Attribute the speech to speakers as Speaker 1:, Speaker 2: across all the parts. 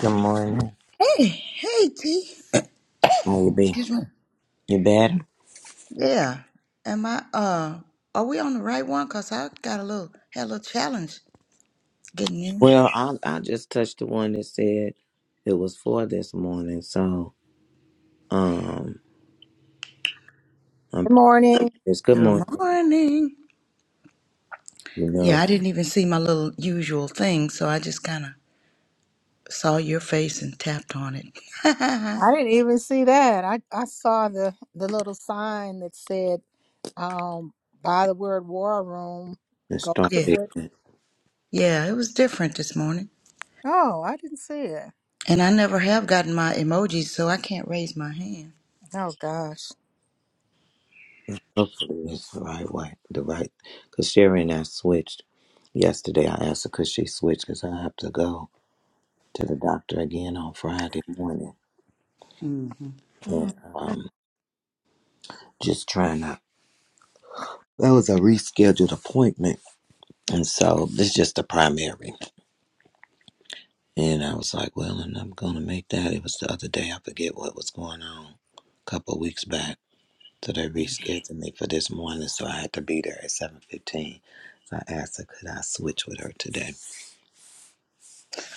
Speaker 1: Good morning.
Speaker 2: Hey, hey, T.
Speaker 1: How you be?
Speaker 2: Excuse me.
Speaker 1: You better?
Speaker 2: Yeah. Am I? Uh, are we on the right one? Cause I got a little, had a little challenge getting in.
Speaker 1: Well, I I just touched the one that said it was for this morning. So um, I'm
Speaker 3: Good morning.
Speaker 1: it's good
Speaker 2: Good
Speaker 1: morning.
Speaker 2: morning.
Speaker 1: You know,
Speaker 2: Yeah, I didn't even see my little usual thing, so I just kind of saw your face and tapped on it.
Speaker 3: I didn't even see that. I, I saw the, the little sign that said, um, by the word war room,
Speaker 1: and
Speaker 3: go
Speaker 1: start
Speaker 2: yeah,
Speaker 3: to it.
Speaker 1: picking.
Speaker 2: yeah, it was different this morning,
Speaker 3: Oh, I didn't see it.
Speaker 2: and I never have gotten my emojis, so I can't raise my hand.
Speaker 3: Oh, gosh.
Speaker 1: Hopefully, it's the right way. The right because Sherry and I switched yesterday. I asked her because she switched because I have to go to the doctor again on Friday morning
Speaker 2: hmm
Speaker 3: Mm,
Speaker 1: and um, just trying to. That was a rescheduled appointment, and so this is just the primary. And I was like, well, and I'm going to make that. It was the other day. I forget what was going on a couple of weeks back. So they rescheduled me for this morning. So I had to be there at 7.15. So I asked her, could I switch with her today?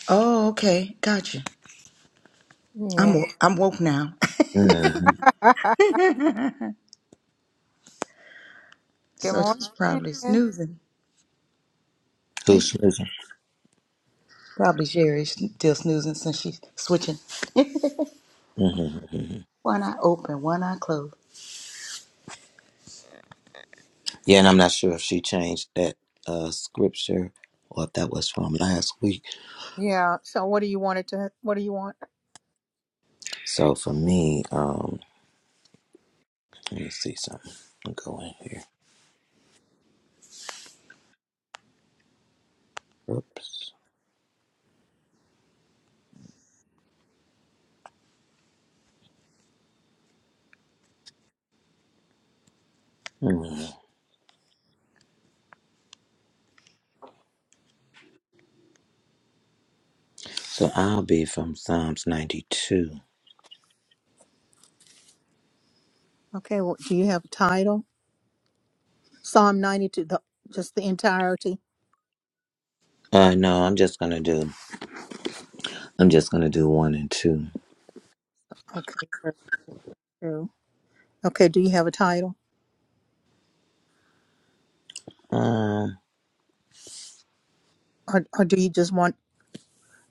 Speaker 2: Oh, okay, gotcha. I'm
Speaker 3: Yeah.
Speaker 2: wo- I'm woke now,
Speaker 1: Mm-hmm.
Speaker 3: Good
Speaker 2: so she's probably
Speaker 3: morning.
Speaker 2: snoozing. Hey,
Speaker 1: Who's choosing?
Speaker 2: Probably Sherry's still snoozing since she's switching.
Speaker 1: Mm-hmm, hmm
Speaker 2: one eye open, one eye closed.
Speaker 1: Yeah, and I'm not sure if she changed that uh, scripture or if that was from last week.
Speaker 3: Yeah. So what do you want it to, what do you want?
Speaker 1: So for me, um, let me see something. I'll go in here. Oops. Mhm. So I'll be from Psalms 92.
Speaker 3: Okay. Well, do you have a title? Psalm 92, the, just the entirety.
Speaker 1: Uh, no, I'm just gonna do. I'm just gonna do one and two.
Speaker 3: Okay. verse two. Okay. Do you have a title?
Speaker 1: Um,
Speaker 3: Or, or do you just want,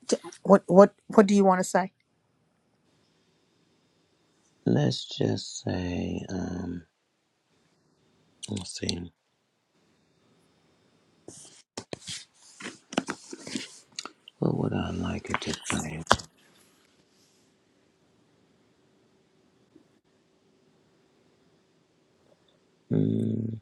Speaker 3: to, what, what, what do you want to say?
Speaker 1: let's just say. Um, let's see. What would I like it to say? Mm,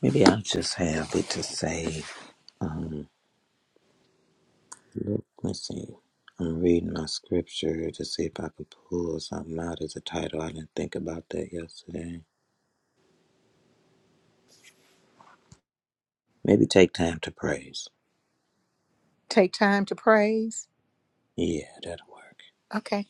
Speaker 1: maybe I'll just have it to say. Um, look, let's see. I'm reading my scripture to see if I could pull something out as a title. I didn't think about that yesterday. Maybe take time to praise.
Speaker 3: Take time to praise?
Speaker 1: Yeah, that'll work.
Speaker 3: Okay.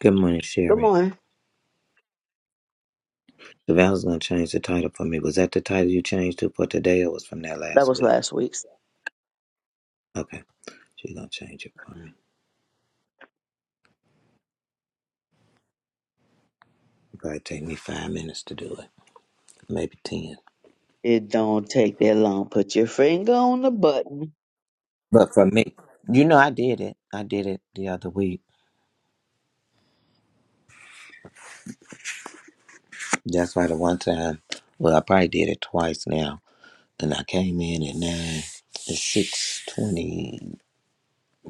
Speaker 1: Good morning,
Speaker 4: Good
Speaker 1: Sherry.
Speaker 4: morning.
Speaker 1: The I was gonna change the title for me. Was that the title you changed to for today, or was from that
Speaker 4: That
Speaker 1: last
Speaker 4: was
Speaker 1: week?
Speaker 4: last week's.
Speaker 1: Okay, she's gonna change it for me. It probably take me five minutes to do it, maybe ten.
Speaker 4: It don't take that long. Put your finger on the button.
Speaker 1: But for me, you know, I did it. I did it the other week. That's why the one time, well, I probably did it twice now. And I came in at nine, at six twenty,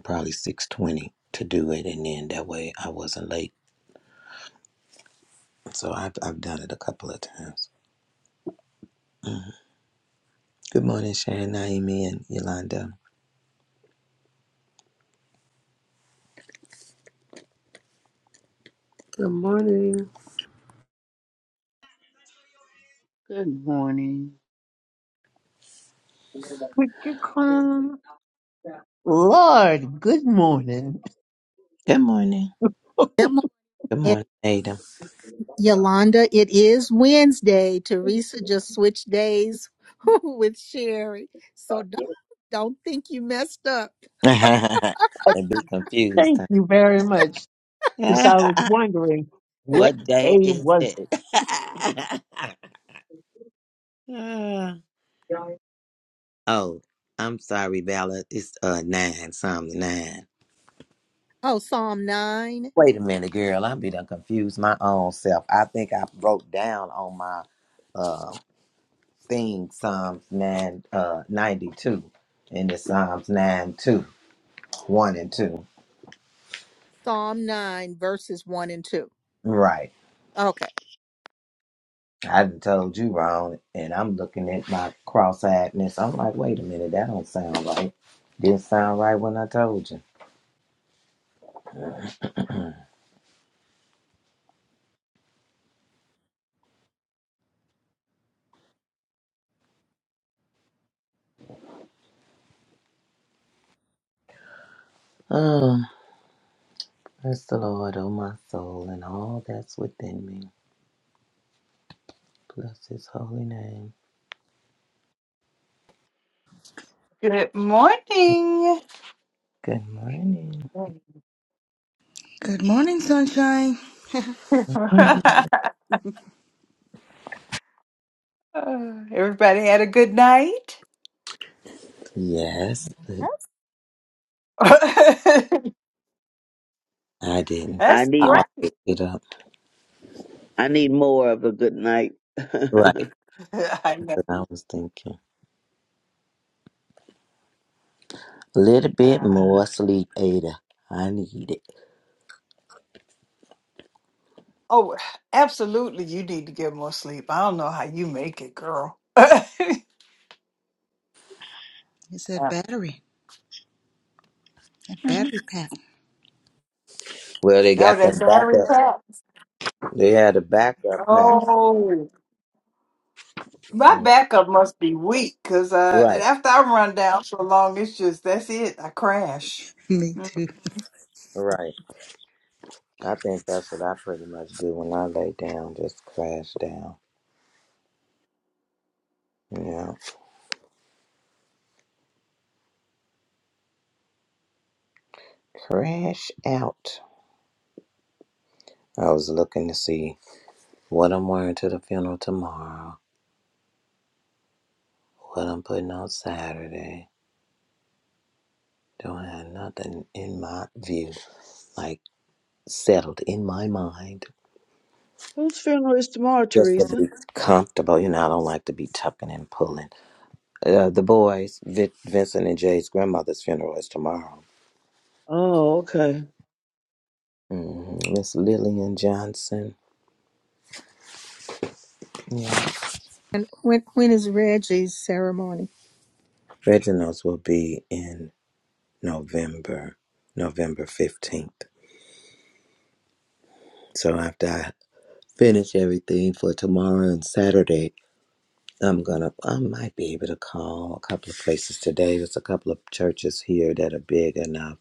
Speaker 1: probably six twenty to do it, and then that way I wasn't late. So I've I've done it a couple of times. Good morning, Sharon, Naomi, and Yolanda.
Speaker 5: Good morning.
Speaker 6: Good morning.
Speaker 7: Would you come? Lord, good morning.
Speaker 1: Good morning.
Speaker 3: Good
Speaker 1: Good
Speaker 3: morning,
Speaker 1: morning, Adam.
Speaker 7: Uh,
Speaker 3: Yolanda. It is Wednesday. Teresa just switched days with Sherry. So don't, don't think you messed up.
Speaker 1: and be confused.
Speaker 7: Thank you very much, because I
Speaker 1: Huh?
Speaker 7: was wondering what
Speaker 1: What day
Speaker 7: day
Speaker 1: is
Speaker 7: was it.
Speaker 1: it? Ah. oh, I'm sorry, Bella. It's uh nine, Psalm nine.
Speaker 3: Oh, Psalm 9,
Speaker 1: Wait a minute, girl. I'm be done confused my own self. I think I wrote down on my uh thing Psalms nine uh ninety two. And it's Psalms nine two, one and two.
Speaker 3: Psalm 9, verses 1 and 2.
Speaker 1: Right.
Speaker 3: Okay.
Speaker 1: I done told you wrong and I'm looking at my cross eyedness. I'm like, wait a minute, that don't sound right. Didn't sound right when I told you. Bless the Lord, O my soul, and all that's within me. Bless his holy name.
Speaker 8: Good morning.
Speaker 1: Good morning.
Speaker 2: Good morning, sunshine.
Speaker 8: Everybody had a good night.
Speaker 3: Yes.
Speaker 1: Yes, but
Speaker 8: That's
Speaker 1: I didn't.
Speaker 4: I
Speaker 1: I
Speaker 4: need
Speaker 8: right.
Speaker 1: always get up.
Speaker 4: I need more of a good night.
Speaker 1: Right.
Speaker 8: I
Speaker 1: That's
Speaker 8: know.
Speaker 1: what I was thinking. A little bit
Speaker 8: Uh,
Speaker 1: more sleep, Ada. I need it.
Speaker 8: oh, absolutely. You need to get more sleep. I don't know how you make it, girl.
Speaker 2: It's said, battery, that
Speaker 8: Yeah.
Speaker 2: battery pack.
Speaker 1: Well, they
Speaker 8: No,
Speaker 1: got
Speaker 8: that
Speaker 1: them
Speaker 8: battery
Speaker 1: backup.
Speaker 8: pack.
Speaker 1: They had a backup pack.
Speaker 8: Oh, my backup must be weak because uh,
Speaker 1: Right,
Speaker 8: after I run down so long, it's just that's it. I crash.
Speaker 2: Me
Speaker 8: Mhm.
Speaker 2: too.
Speaker 1: right. I think that's what I pretty much do when I lay down, just crash down. You know, crash out. I was looking to see. What I'm wearing to the funeral tomorrow. What I'm putting on Saturday. Don't have nothing in my view, like settled in my mind.
Speaker 4: Whose funeral is tomorrow,
Speaker 1: Just to
Speaker 4: Teresa?
Speaker 1: be comfortable. You know, I don't like to be tucking and pulling. Uh, the boys, Vin Vincent and Jay's grandmother's funeral is tomorrow.
Speaker 4: Oh, okay.
Speaker 1: Mhm. Miss Lillian Johnson. Yeah.
Speaker 3: And when, when is Reggie's ceremony?
Speaker 1: Reginald's will be in November, November 15th. So after I finish everything for tomorrow and Saturday, I'm gonna, I might be able to call a couple of places today. There's a couple of churches here that are big enough.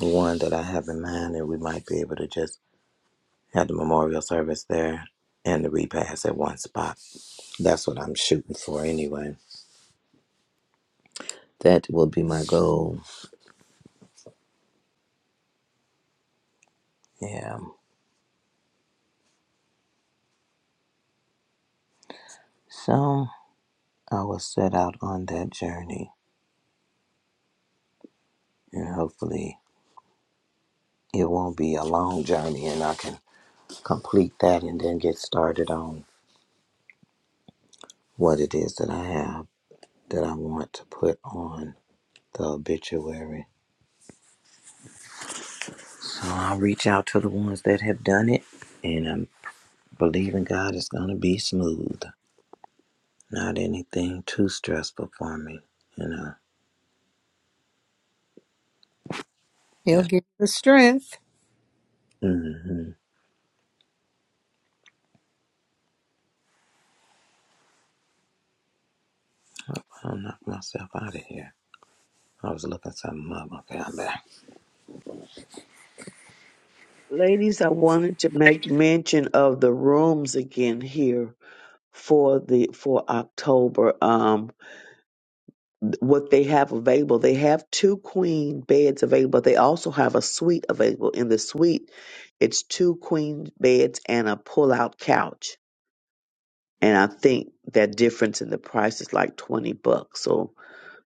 Speaker 1: One that I have in mind, and we might be able to just have the memorial service there and the repast at one spot. That's what I'm shooting for anyway. That will be my goal. Yeah. So I will set out on that journey, and hopefully it won't be a long journey, and I can complete that and then get started on what it is that I have that I want to put on. the obituary. So I'll reach out to the ones that have done it, and I'm believing God it's going to be smooth. Not anything too stressful for me, you know.
Speaker 3: He'll
Speaker 1: Yeah.
Speaker 3: give you the strength.
Speaker 1: Mm-hmm. I'll knock myself out of here. I was looking something up. Okay, I'm back.
Speaker 4: Ladies, I wanted to make mention of the rooms again here for the for October. Um th- what they have available. They have two queen beds available. They also have a suite available. In the suite, it's two queen beds and a pull-out couch And I think that difference in the price is like 20 bucks. So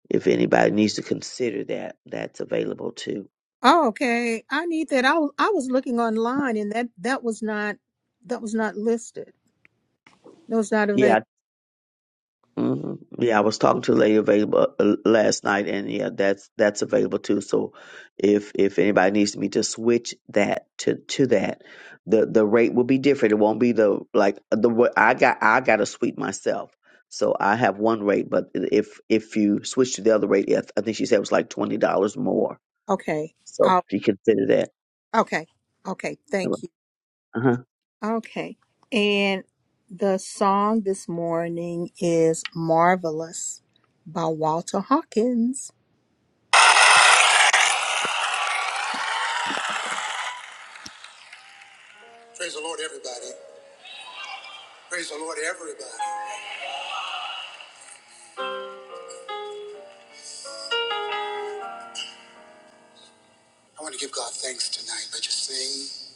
Speaker 4: if anybody needs to consider that, that's available too.
Speaker 3: Oh, okay. I need that. I w- I was looking online and that that was not that was not listed. That was not
Speaker 4: Yeah.
Speaker 3: available.
Speaker 4: hmm Yeah, I was talking to a lady available uh, last night, and yeah, that's that's available too. So, if if anybody needs me to switch that to to that, the the rate will be different. It won't be the like the what I got. I got a suite myself, so I have one rate. But if if you switch to the other rate, I I think she said it was like twenty dollars more.
Speaker 3: Okay.
Speaker 4: So
Speaker 3: Oh,
Speaker 4: if you consider that.
Speaker 3: okay. Okay. Thank you.
Speaker 4: Uh-huh.
Speaker 3: Okay. And the song this morning is Marvelous by Walter Hawkins. Praise the Lord, everybody. Praise the Lord, everybody. I want to give God thanks tonight. Let you sing.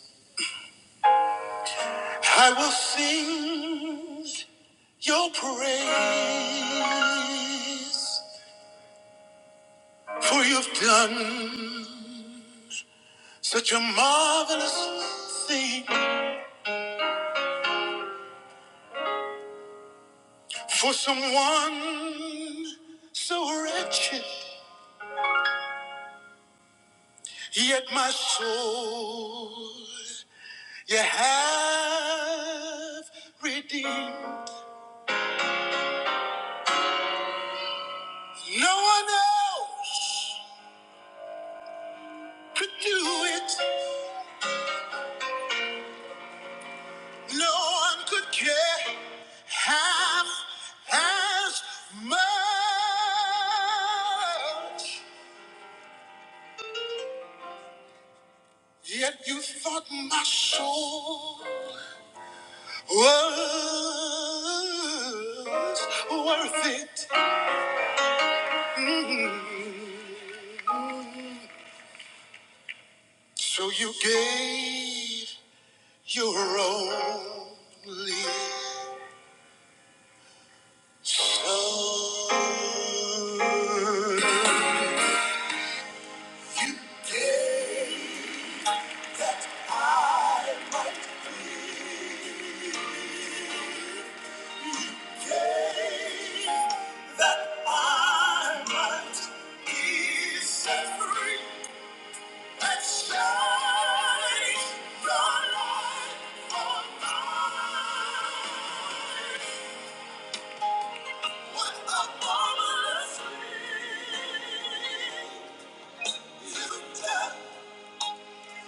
Speaker 3: I will sing your praise. For you've done such a marvelous thing for someone so wretched, yet my soul you have redeemed. No one else could do it, no one could care half as much. Yet you thought my soul was worth it. So you gave your only son. That I might be set free. Let's shine the light mine. What a marvelous You did.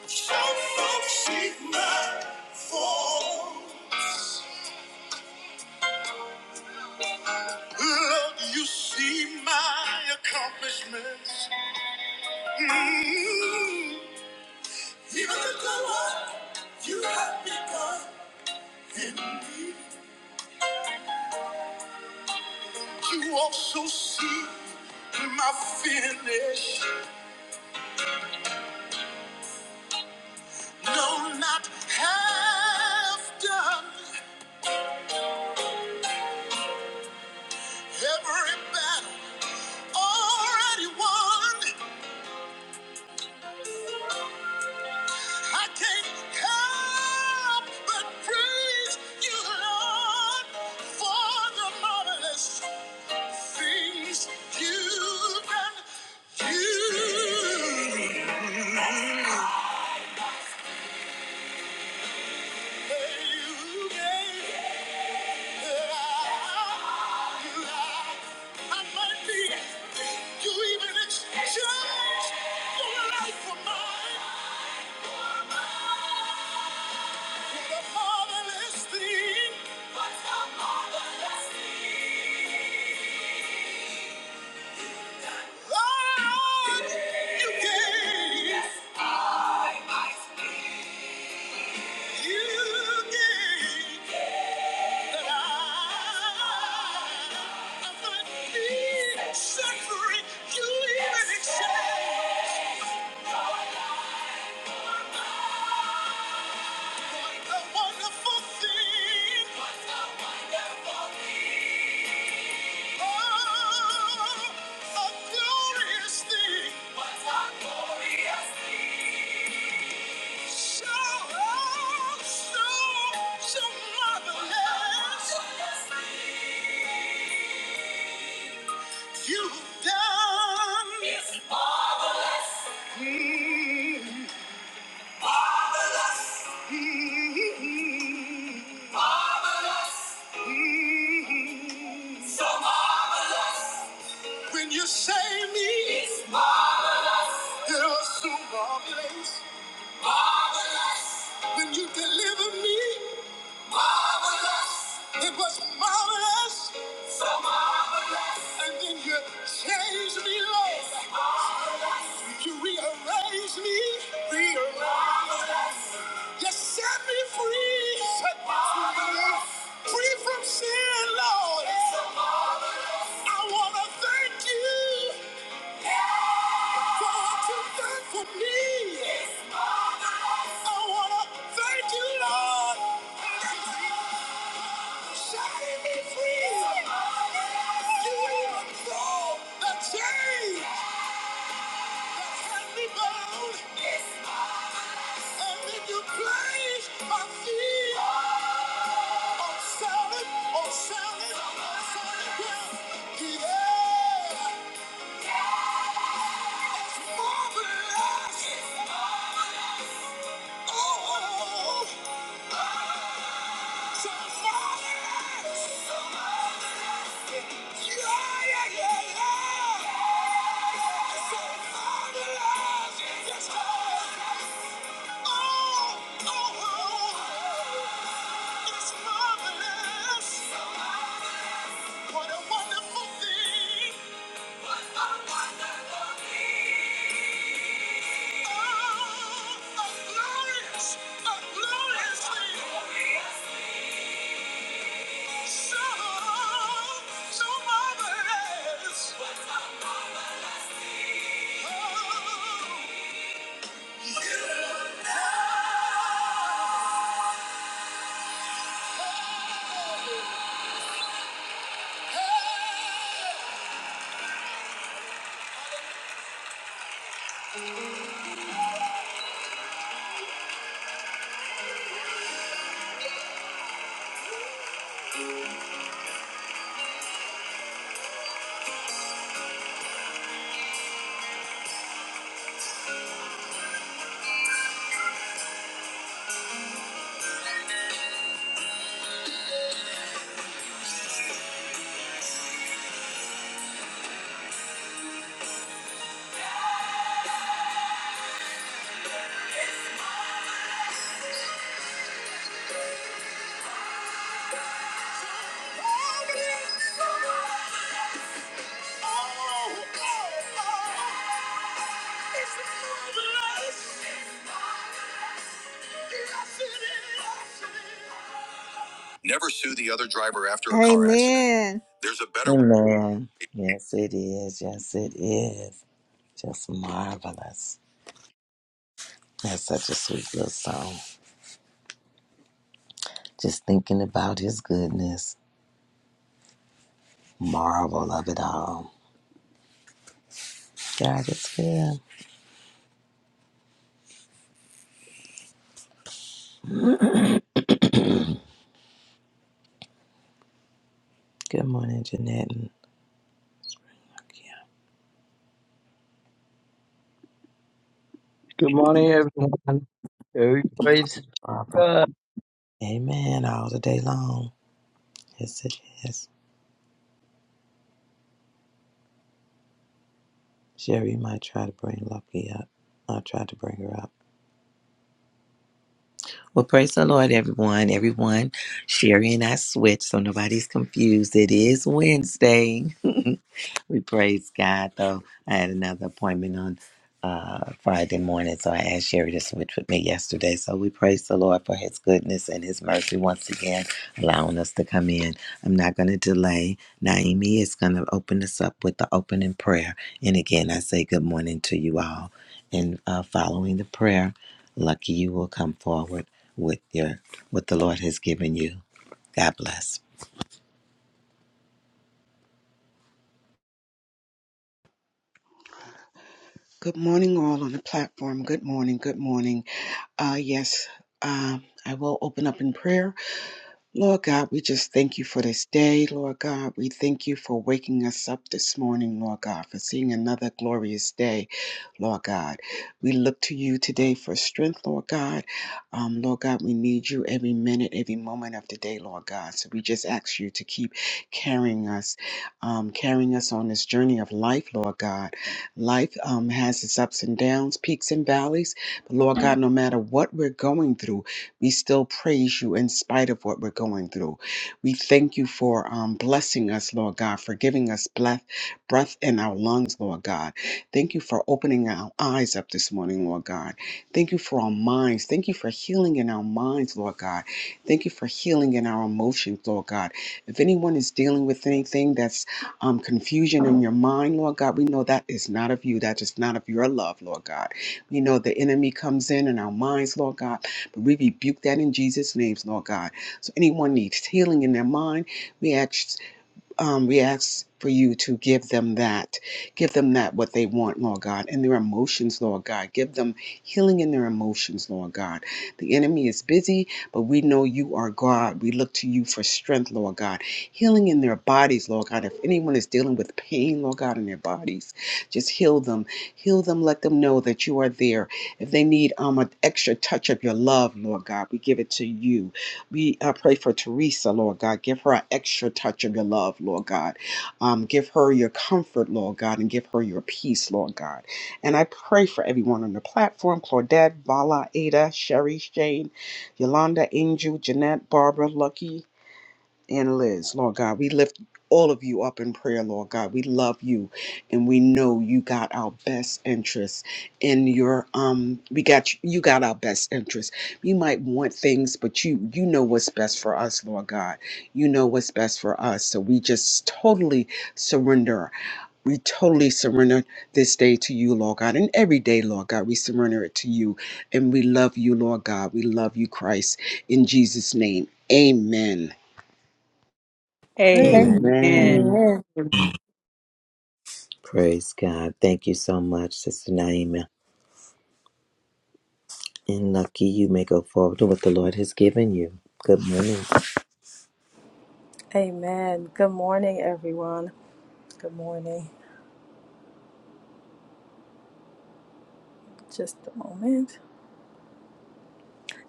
Speaker 3: Some folks see my fall. Lord, you see my accomplishments. Mm. Even the good work you have begun in me. You also see my finish. No, not half done. Every battle already won. I can't help but praise you, Lord, for the marvelous things you've done. You. you gave Suffering, you even exchange a wonderful thing. When you save me, yes. it was so marvelous. When you deliver me, marvelous, it was marvelous. And then you change me, Lord. You rearrange me, rearrange. You set me free, set me free, free from sin, Lord. I wanna thank you for what you've done for me. I wanna thank you, Lord. Setting me free. You even broke the chains. Yeah, yeah, yeah! So marvelous! Yes, Lord! Oh, oh, oh, it's marvelous. What a wonderful thing. A wonderful thing. Oh, glorious, glorious thing. So, so marvelous. What a marvelous thing. Oh, you know. Hey, glorious. Oh, oh, oh, Yes, Never sue the other driver after a car Amen. accident. Amen. There's a better way.
Speaker 1: Amen. Yes, it is. Yes, it is. Just marvelous. That's such a sweet little song. Just thinking about his goodness. Marvel of it all. God is good. Good morning, Jeanette.
Speaker 9: Good morning, everyone. Every praise is
Speaker 1: Barbara.
Speaker 9: God.
Speaker 1: Amen. All the day long. Yes, it is. Sherry, you might try to bring Lucky up. I'll try to bring her up. Well, praise the Lord, everyone. Everyone, Sherry and I switched, so nobody's confused. It is Wednesday. We praise God, though. I had another appointment on uh, Friday morning, so I asked Sherry to switch with me yesterday. So we praise the Lord for his goodness and his mercy once again, allowing us to come in. I'm not going to delay. Naomi is going to open us up with the opening prayer. And again, I say good morning to you all. And uh, following the prayer, lucky you will come forward with your what the Lord has given you. God bless.
Speaker 6: Good morning, all on the platform. Good morning. Good morning. Uh, yes, um, I will open up in prayer. Lord God, we just thank you for this day. Lord God, we thank you for waking us up this morning, Lord God, for seeing another glorious day. Lord God. We look to you today for strength, Lord God. Um, Lord God, we need you every minute, every moment of the day, Lord God. So we just ask you to keep carrying us, um, carrying us on this journey of life, Lord God. Life um, has its ups and downs, peaks and valleys. But Lord God, no matter what we're going through, we still praise you in spite of what we're going through. We thank you for um, blessing us, Lord God, for giving us breath, breath in our lungs, Lord God. Thank you for opening our eyes up this morning, Lord God. Thank you for our minds. Thank you for healing in our minds, Lord God. Thank you for healing in our emotions, Lord God. If anyone is dealing with anything that's um, confusion in your mind, Lord God, we know that is not of you. That is not of your love, Lord God. We know the enemy comes in in our minds, Lord God, but we rebuke that in Jesus' names, Lord God. So anyone needs healing in their mind, we ask um, we ask for you to give them that. Give them that what they want, Lord God, and their emotions, Lord God. Give them healing in their emotions, Lord God. The enemy is busy, but we know you are God. We look to you for strength, Lord God. Healing in their bodies, Lord God. If anyone is dealing with pain, Lord God, in their bodies, just heal them. Heal them. Let them know that you are there. If they need um, an extra touch of your love, Lord God, we give it to you. We I pray for Teresa, Lord God. Give her an extra touch of your love, Lord God. Um, give her your comfort, Lord God, and give her your peace, Lord God. And I pray for everyone on the platform Claudette, Vala, Ada, Sherry, Shane, Yolanda, Angel, Jeanette, Barbara, Lucky, and Liz, Lord God. We lift all of you up in prayer, Lord God. We love you and we know you got our best interests in your um we got you you got our best interests. You might want things, but you you know what's best for us, Lord God. You know what's best for us. So we just totally surrender we totally surrender this day to you, Lord God. And every day, Lord God, we surrender it to you. And we love you, Lord God. We love you, Christ. In Jesus' name, amen.
Speaker 1: Amen.
Speaker 8: Amen.
Speaker 4: Amen.
Speaker 3: Amen.
Speaker 1: Praise God. Thank you so much, Sister Naima. and lucky you may go forward in what the Lord has given you. Good morning.
Speaker 10: Amen. Good morning, everyone. Good morning. Just a moment.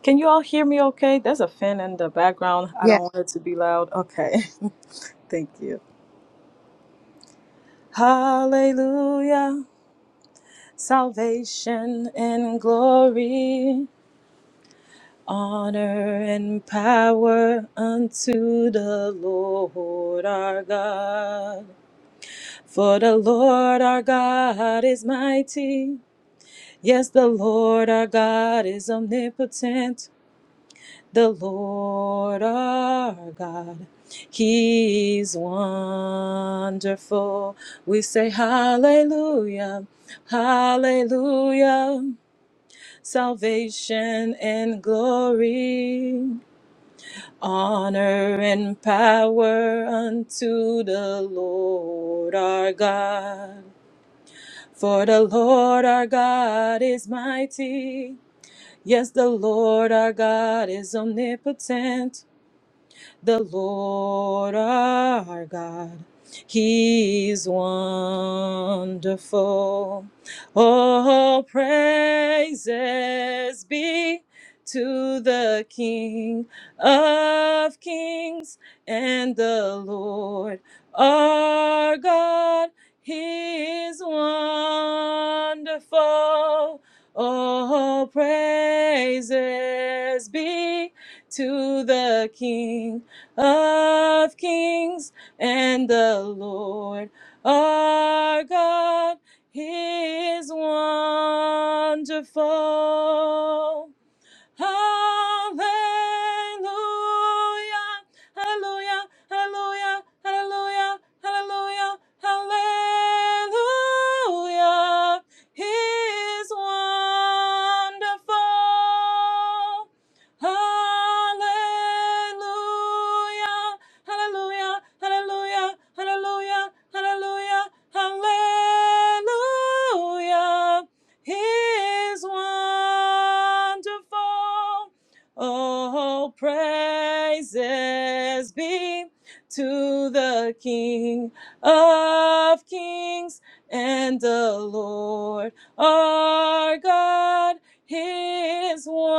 Speaker 10: Can you all hear me okay? There's a fan in the background. I
Speaker 3: Yeah.
Speaker 10: don't want it to be loud. Okay. Thank you. Hallelujah. Salvation and glory, honor and power unto the Lord our God. For the Lord our God is mighty. Yes, the Lord our God is omnipotent. the Lord our God. He's wonderful. We say hallelujah, hallelujah. Salvation and glory, honor and power unto the Lord our God. For the Lord our God is mighty. Yes, the Lord our God is omnipotent. the Lord our God. He's wonderful. All praises be to the King of Kings and the Lord our God. He's wonderful. All praises be to the King of Kings and the Lord our God. He is wonderful. Hallelujah. Hallelujah. Hallelujah. Hallelujah. Hallelujah. Hallelujah. He's wonderful. Hallelujah. Hallelujah. Hallelujah. Hallelujah. Hallelujah. Hallelujah is wonderful. Oh, praises be to the King of Kings and the Lord our God. He is wonderful.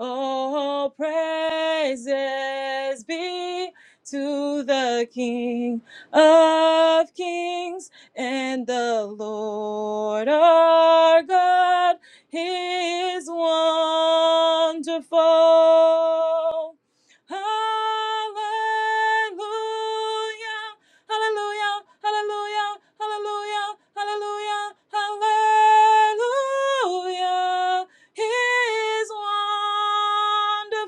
Speaker 10: Oh, praises be to the King of Kings and the Lord our God He is wonderful. Hallelujah, hallelujah, hallelujah, hallelujah, hallelujah, hallelujah. He is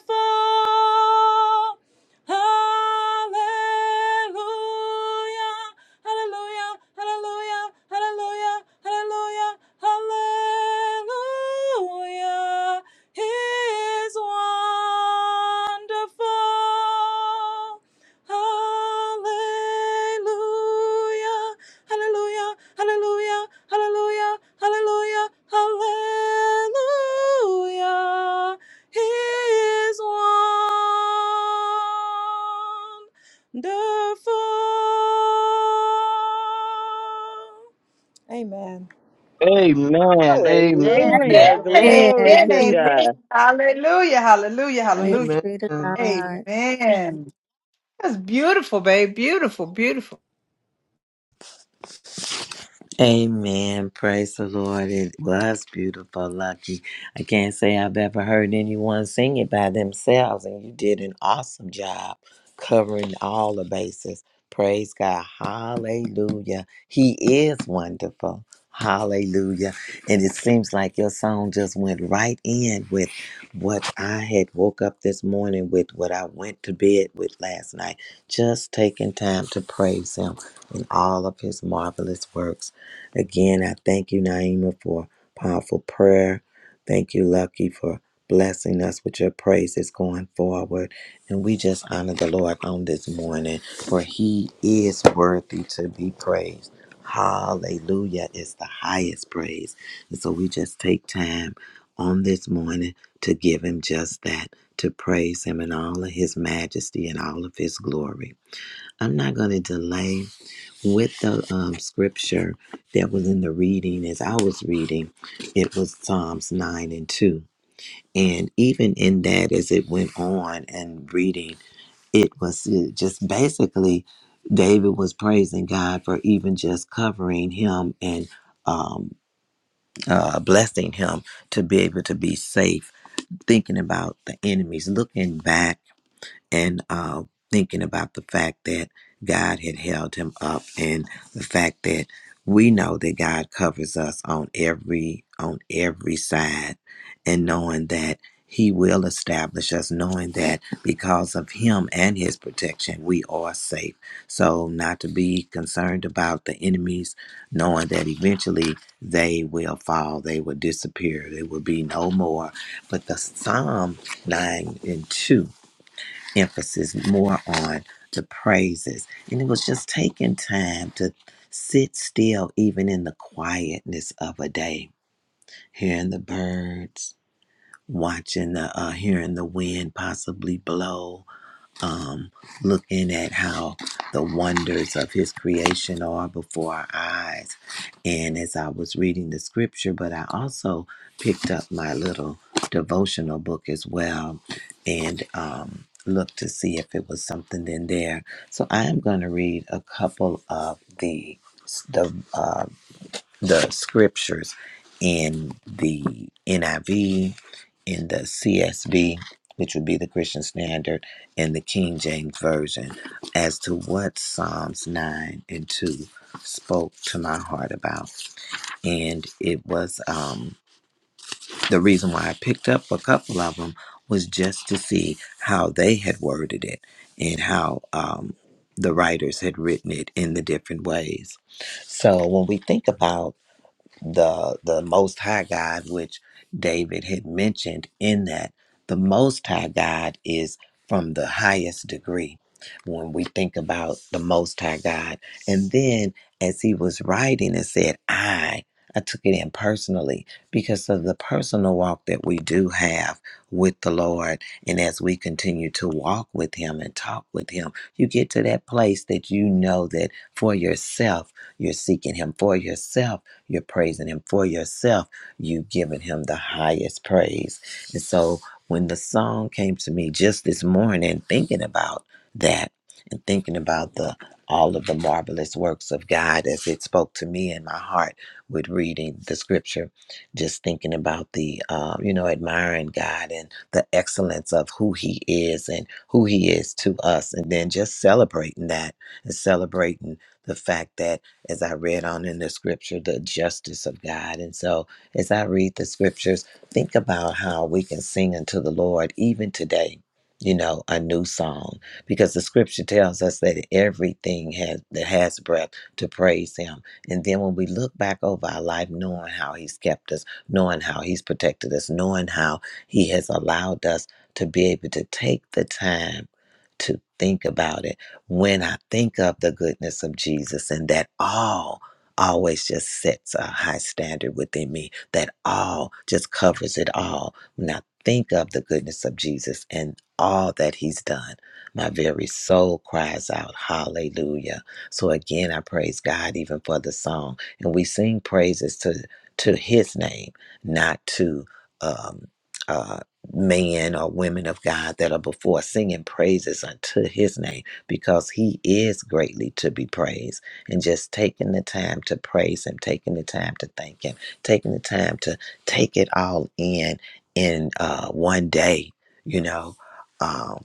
Speaker 10: wonderful. Hallelujah. Hallelujah. Hallelujah. Hallelujah. Hallelujah. Hallelujah. He is wonderful. Hallelujah. Hallelujah. Hallelujah. Hallelujah. Hallelujah. Hallelujah. He is wonderful. Amen.
Speaker 9: Amen.
Speaker 8: Amen.
Speaker 9: Amen.
Speaker 4: Hallelujah.
Speaker 8: Amen.
Speaker 4: Glory
Speaker 3: Amen.
Speaker 4: to
Speaker 5: Amen.
Speaker 8: Amen.
Speaker 4: God.
Speaker 8: Hallelujah. Hallelujah.
Speaker 3: Praise
Speaker 8: Hallelujah.
Speaker 5: Amen.
Speaker 3: be to God.
Speaker 8: Amen. That's beautiful, babe. Beautiful. Beautiful.
Speaker 1: Amen. Praise the Lord. It was beautiful, Lucky. I can't say I've ever heard anyone sing it by themselves, and you did an awesome job covering all the bases. Praise God. Hallelujah. He is wonderful. Hallelujah. And it seems like your song just went right in with what I had woke up this morning with, what I went to bed with last night. Just taking time to praise Him in all of His marvelous works. Again, I thank you, Naima, for powerful prayer. Thank you, Lucky, for blessing us with your praises going forward. And we just honor the Lord on this morning, for he is worthy to be praised. Hallelujah is the highest praise. And so we just take time on this morning to give him just that, to praise him in all of his majesty and all of his glory. I'm not going to delay with the um, scripture that was in the reading as I was reading, it was Psalms 9 and 2. And even in that, as it went on and reading, it was uh, just basically David was praising God for even just covering him and um, uh, blessing him to be able to be safe, thinking about the enemies, looking back and uh, thinking about the fact that God had held him up, and the fact that we know that God covers us on every on every side, and knowing that He will establish us, knowing that because of Him and His protection, we are safe. So, not to be concerned about the enemies, knowing that eventually they will fall, they will disappear, they will be no more. But the Psalm nine and two emphasis more on the praises. And it was just taking time to sit still, even in the quietness of a day, hearing the birds, watching the, uh, hearing the wind possibly blow, um, looking at how the wonders of his creation are before our eyes. And as I was reading the scripture, but I also picked up my little devotional book as well and um, looked to see if it was something in there. So I am going to read a couple of the the uh, the scriptures in the NIV, in the CSV, which would be the Christian Standard, and the King James Version as to what Psalms 9 and 2 spoke to my heart about. And it was um, the reason why I picked up a couple of them was just to see how they had worded it and how um, the writers had written it in the different ways. So when we think about the the most high god which david had mentioned in that the most high god is from the highest degree when we think about the most high god and then as he was writing it said i i took it in personally because of the personal walk that we do have with the lord and as we continue to walk with him and talk with him you get to that place that you know that for yourself you're seeking him for yourself you're praising him for yourself. You've given him the highest praise. And so when the song came to me just this morning, thinking about that and thinking about the all of the marvelous works of God as it spoke to me in my heart with reading the scripture, just thinking about the, uh, you know, admiring God and the excellence of who He is and who He is to us, and then just celebrating that and celebrating the fact that as I read on in the scripture, the justice of God. And so, as I read the scriptures, think about how we can sing unto the Lord even today, you know, a new song, because the scripture tells us that everything has, that has breath to praise Him. And then when we look back over our life, knowing how He's kept us, knowing how He's protected us, knowing how He has allowed us to be able to take the time to think about it when I think of the goodness of Jesus and that all always just sets a high standard within me, that all just covers it all. When I think of the goodness of Jesus and all that he's done, my very soul cries out, Hallelujah. So again, I praise God even for the song. And we sing praises to, to his name, not to um, uh, men or women of God that are before singing praises unto his name because he is greatly to be praised. And just taking the time to praise him, taking the time to thank him, taking the time to take it all in in uh, one day, you know, um,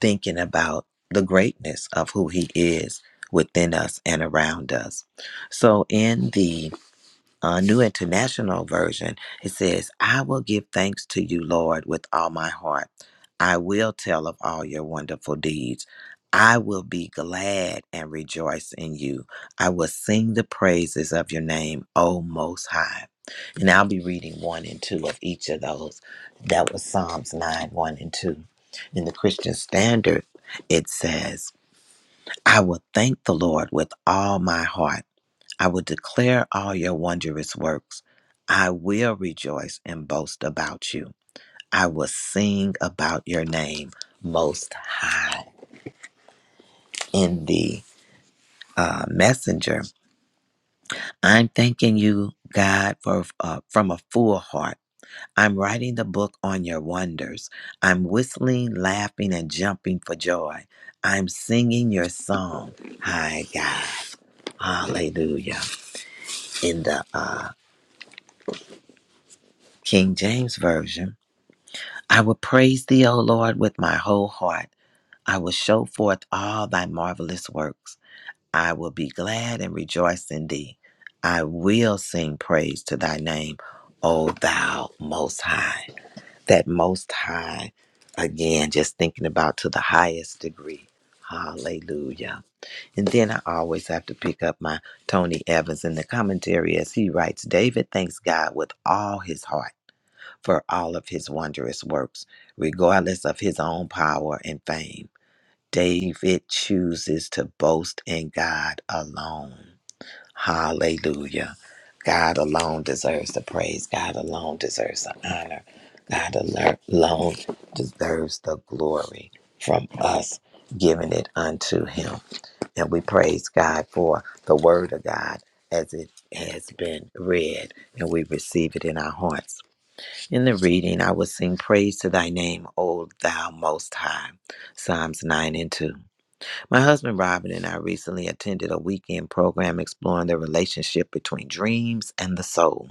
Speaker 1: thinking about the greatness of who he is within us and around us. So in the uh, New International Version, it says, I will give thanks to you, Lord, with all my heart. I will tell of all your wonderful deeds. I will be glad and rejoice in you. I will sing the praises of your name, O Most High. And I'll be reading one and two of each of those. That was Psalms 9, 1 and 2. In the Christian Standard, it says, I will thank the Lord with all my heart. I will declare all your wondrous works. I will rejoice and boast about you. I will sing about your name most high in the uh, messenger. I'm thanking you, God, for uh, from a full heart. I'm writing the book on your wonders. I'm whistling, laughing, and jumping for joy. I'm singing your song, High God, Hallelujah. In the uh, King James version. I will praise thee, O Lord, with my whole heart. I will show forth all thy marvelous works. I will be glad and rejoice in thee. I will sing praise to thy name, O thou most high. That most high, again, just thinking about to the highest degree. Hallelujah. And then I always have to pick up my Tony Evans in the commentary as he writes David thanks God with all his heart for all of his wondrous works, regardless of his own power and fame. David chooses to boast in God alone. Hallelujah. God alone deserves the praise. God alone deserves the honor. God al- alone deserves the glory from us, giving it unto him. And we praise God for the word of God as it has been read, and we receive it in our hearts. In the reading, I will sing praise to thy name, O thou most high. Psalms 9 and 2. My husband Robin and I recently attended a weekend program exploring the relationship between dreams and the soul.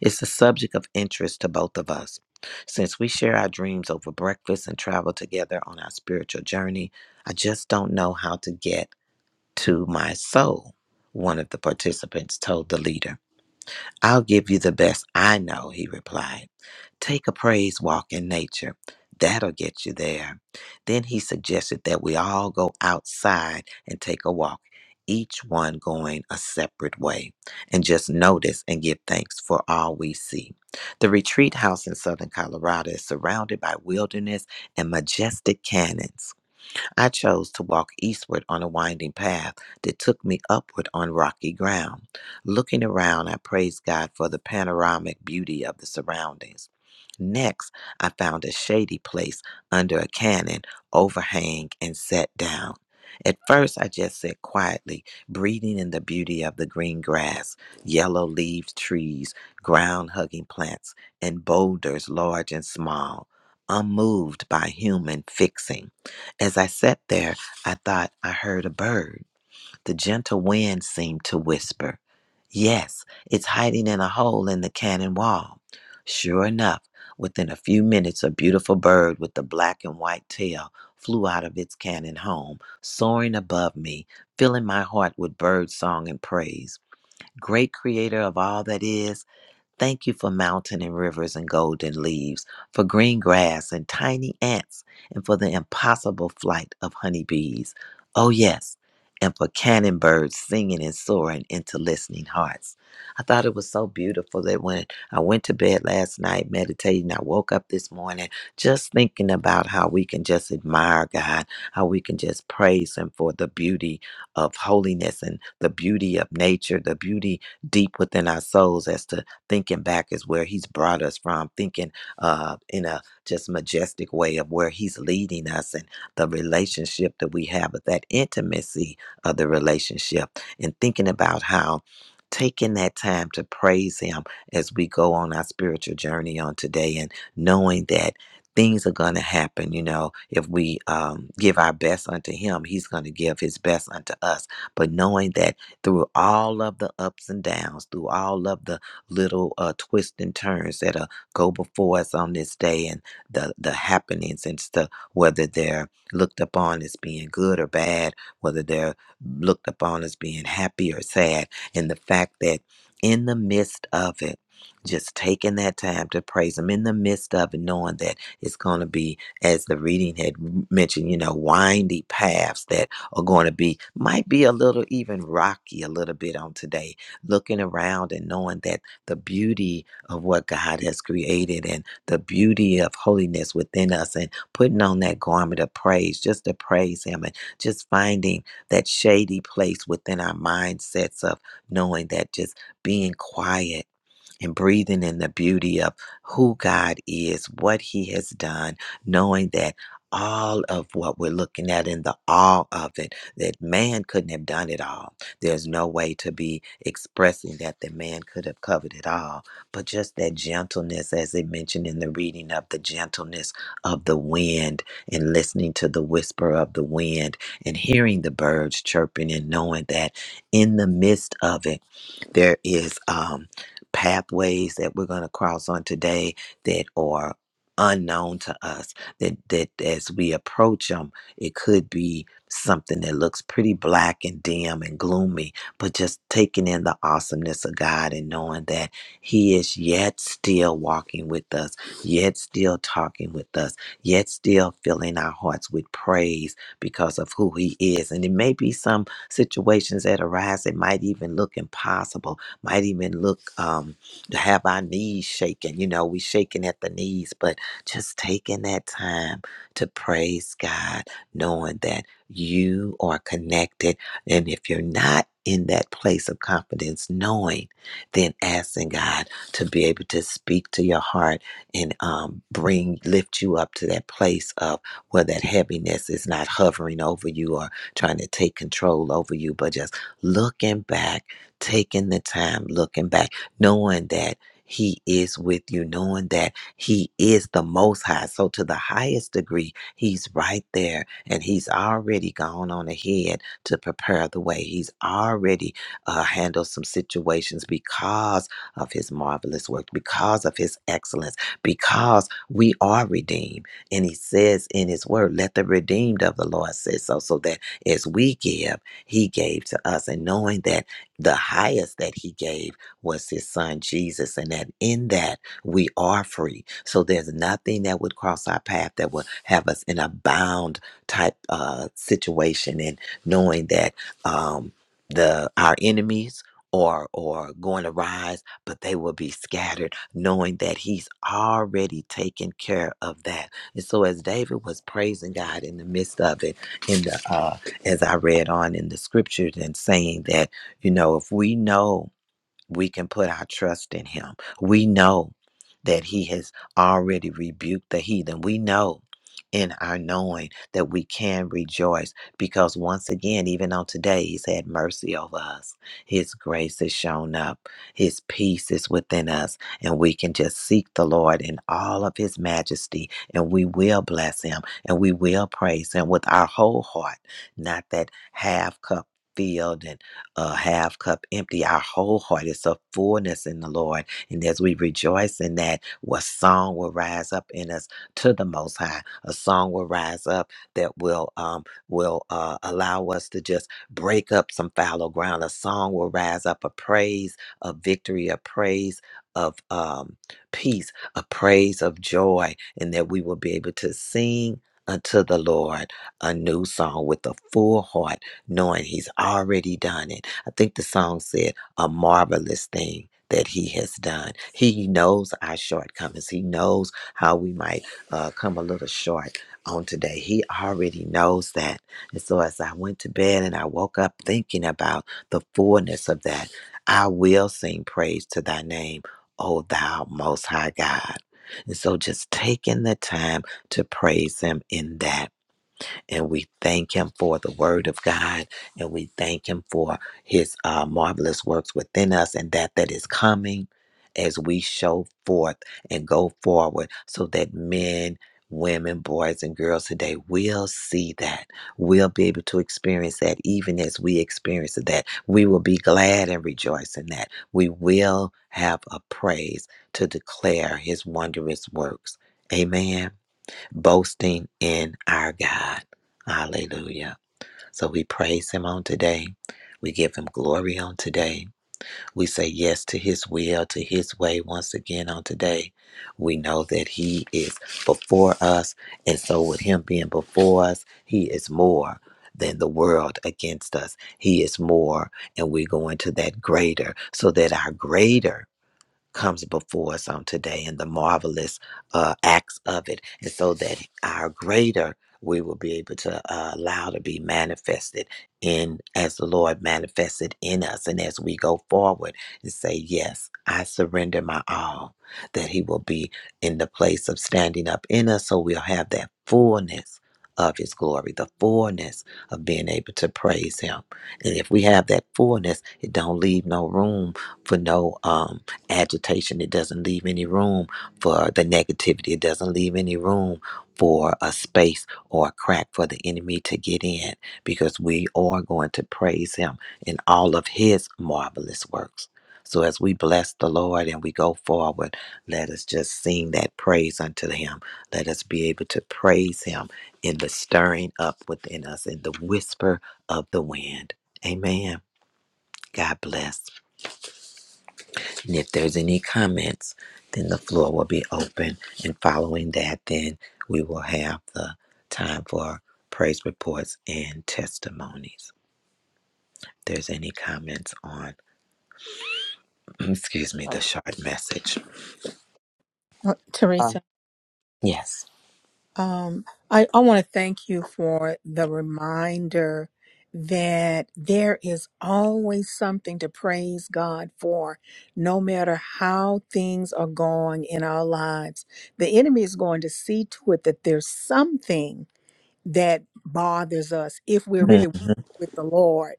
Speaker 1: It's a subject of interest to both of us. Since we share our dreams over breakfast and travel together on our spiritual journey, I just don't know how to get to my soul, one of the participants told the leader. I'll give you the best I know, he replied. Take a praise walk in nature. That'll get you there. Then he suggested that we all go outside and take a walk, each one going a separate way, and just notice and give thanks for all we see. The retreat house in southern Colorado is surrounded by wilderness and majestic canyons. I chose to walk eastward on a winding path that took me upward on rocky ground. Looking around, I praised God for the panoramic beauty of the surroundings. Next, I found a shady place under a cannon overhang and sat down. At first, I just sat quietly, breathing in the beauty of the green grass, yellow leaved trees, ground hugging plants, and boulders large and small, unmoved by human fixing. As I sat there, I thought I heard a bird. The gentle wind seemed to whisper, Yes, it's hiding in a hole in the cannon wall. Sure enough, within a few minutes, a beautiful bird with a black and white tail flew out of its cannon home, soaring above me, filling my heart with bird song and praise. Great creator of all that is, Thank you for mountain and rivers and golden leaves, for green grass and tiny ants, and for the impossible flight of honeybees. Oh, yes, and for cannon birds singing and soaring into listening hearts. I thought it was so beautiful that when I went to bed last night meditating, I woke up this morning just thinking about how we can just admire God, how we can just praise Him for the beauty of holiness and the beauty of nature, the beauty deep within our souls as to Thinking back is where he's brought us from, thinking uh, in a just majestic way of where he's leading us and the relationship that we have, but that intimacy of the relationship, and thinking about how taking that time to praise him as we go on our spiritual journey on today and knowing that things are going to happen you know if we um, give our best unto him he's going to give his best unto us but knowing that through all of the ups and downs through all of the little uh, twists and turns that uh, go before us on this day and the, the happenings and stuff, whether they're looked upon as being good or bad, whether they're looked upon as being happy or sad. And the fact that in the midst of it, just taking that time to praise him in the midst of it, knowing that it's going to be, as the reading had mentioned, you know, windy paths that are going to be, might be a little even rocky a little bit on today. Looking around and knowing that the beauty of what God has created and the beauty of holiness within us and putting on that garment of praise just to praise Him and just finding that shady place within our mindsets of knowing that just being quiet and breathing in the beauty of who God is, what He has done, knowing that all of what we're looking at and the all of it, that man couldn't have done it all. There's no way to be expressing that the man could have covered it all. But just that gentleness, as they mentioned in the reading of the gentleness of the wind and listening to the whisper of the wind and hearing the birds chirping and knowing that in the midst of it, there is um, pathways that we're going to cross on today that are unknown to us. That that as we approach them, it could be something that looks pretty black and dim and gloomy, but just taking in the awesomeness of God and knowing that He is yet still walking with us, yet still talking with us, yet still filling our hearts with praise because of who He is. And it may be some situations that arise that might even look impossible, might even look um, to have our knees shaking. You know, we shaking at the knees, but just taking that time to praise God, knowing that you are connected. And if you're not in that place of confidence, knowing, then asking God to be able to speak to your heart and um, bring, lift you up to that place of where that heaviness is not hovering over you or trying to take control over you, but just looking back, taking the time, looking back, knowing that He is with you, knowing that He is the Most High. So, to the highest degree, He's right there and He's already gone on ahead to prepare the way. He's already uh, handled some situations because of His marvelous work, because of His excellence, because we are redeemed. And He says in His word, Let the redeemed of the Lord say so, so that as we give, He gave to us. And knowing that the highest that He gave was His Son, Jesus, and that in that we are free. So there's nothing that would cross our path that would have us in a bound type uh, situation. And knowing that um, the our enemies, or, or going to rise, but they will be scattered, knowing that he's already taken care of that. And so as David was praising God in the midst of it, in the uh, as I read on in the scriptures and saying that, you know, if we know we can put our trust in him. We know that he has already rebuked the heathen. We know in our knowing that we can rejoice because once again, even on today, he's had mercy over us. His grace has shown up, his peace is within us, and we can just seek the Lord in all of his majesty, and we will bless him and we will praise him with our whole heart, not that half cup filled and uh, half cup empty. Our whole heart is a fullness in the Lord. And as we rejoice in that, what song will rise up in us to the Most High? A song will rise up that will um, will uh, allow us to just break up some fallow ground. A song will rise up, a praise of victory, a praise of um, peace, a praise of joy, and that we will be able to sing unto the Lord a new song with a full heart, knowing He's already done it I think the song said, a marvelous thing that he has done. He knows our shortcomings. He knows how we might uh, come a little short on today. He already knows that. And so as I went to bed and I woke up thinking about the fullness of that, I will sing praise to thy name, O thou most high God. And so just taking the time to praise him in that and we thank him for the word of God and we thank him for his uh, marvelous works within us and that that is coming as we show forth and go forward so that men women boys and girls today will see that will be able to experience that even as we experience that we will be glad and rejoice in that we will have a praise to declare his wondrous works amen boasting in our God. Hallelujah. So we praise him on today. We give him glory on today. We say yes to his will, to his way once again on today. We know that he is before us. And so, with him being before us, he is more than the world against us. He is more. And we're going to that greater so that our greater comes before us on today and the marvelous uh, acts of it, and so that our greater we will be able to uh, allow to be manifested in as the Lord manifested in us, and as we go forward and say, Yes, I surrender my all, that He will be in the place of standing up in us, so we'll have that fullness of His glory, the fullness of being able to praise Him. And if we have that fullness, it don't leave no room for no um agitation. It doesn't leave any room for the negativity. It doesn't leave any room for a space or a crack for the enemy to get in because we are going to praise him in all of his marvelous works. So as we bless the Lord and we go forward, let us just sing that praise unto him. Let us be able to praise him in the stirring up within us, in the whisper of the wind. Amen. God bless. And if there's any comments, then the floor will be open. And following that, then we will have the time for praise reports and testimonies. If there's any comments on, excuse me, the
Speaker 11: Oh,
Speaker 1: short message.
Speaker 3: Oh, Teresa.
Speaker 11: uh,
Speaker 1: Yes.
Speaker 3: Um, I, I want to thank you for the reminder that there is always something to praise God for, no matter how things are going in our lives. The enemy is going to see to it that there's something that bothers us if we're really
Speaker 1: Mhm.
Speaker 3: with the Lord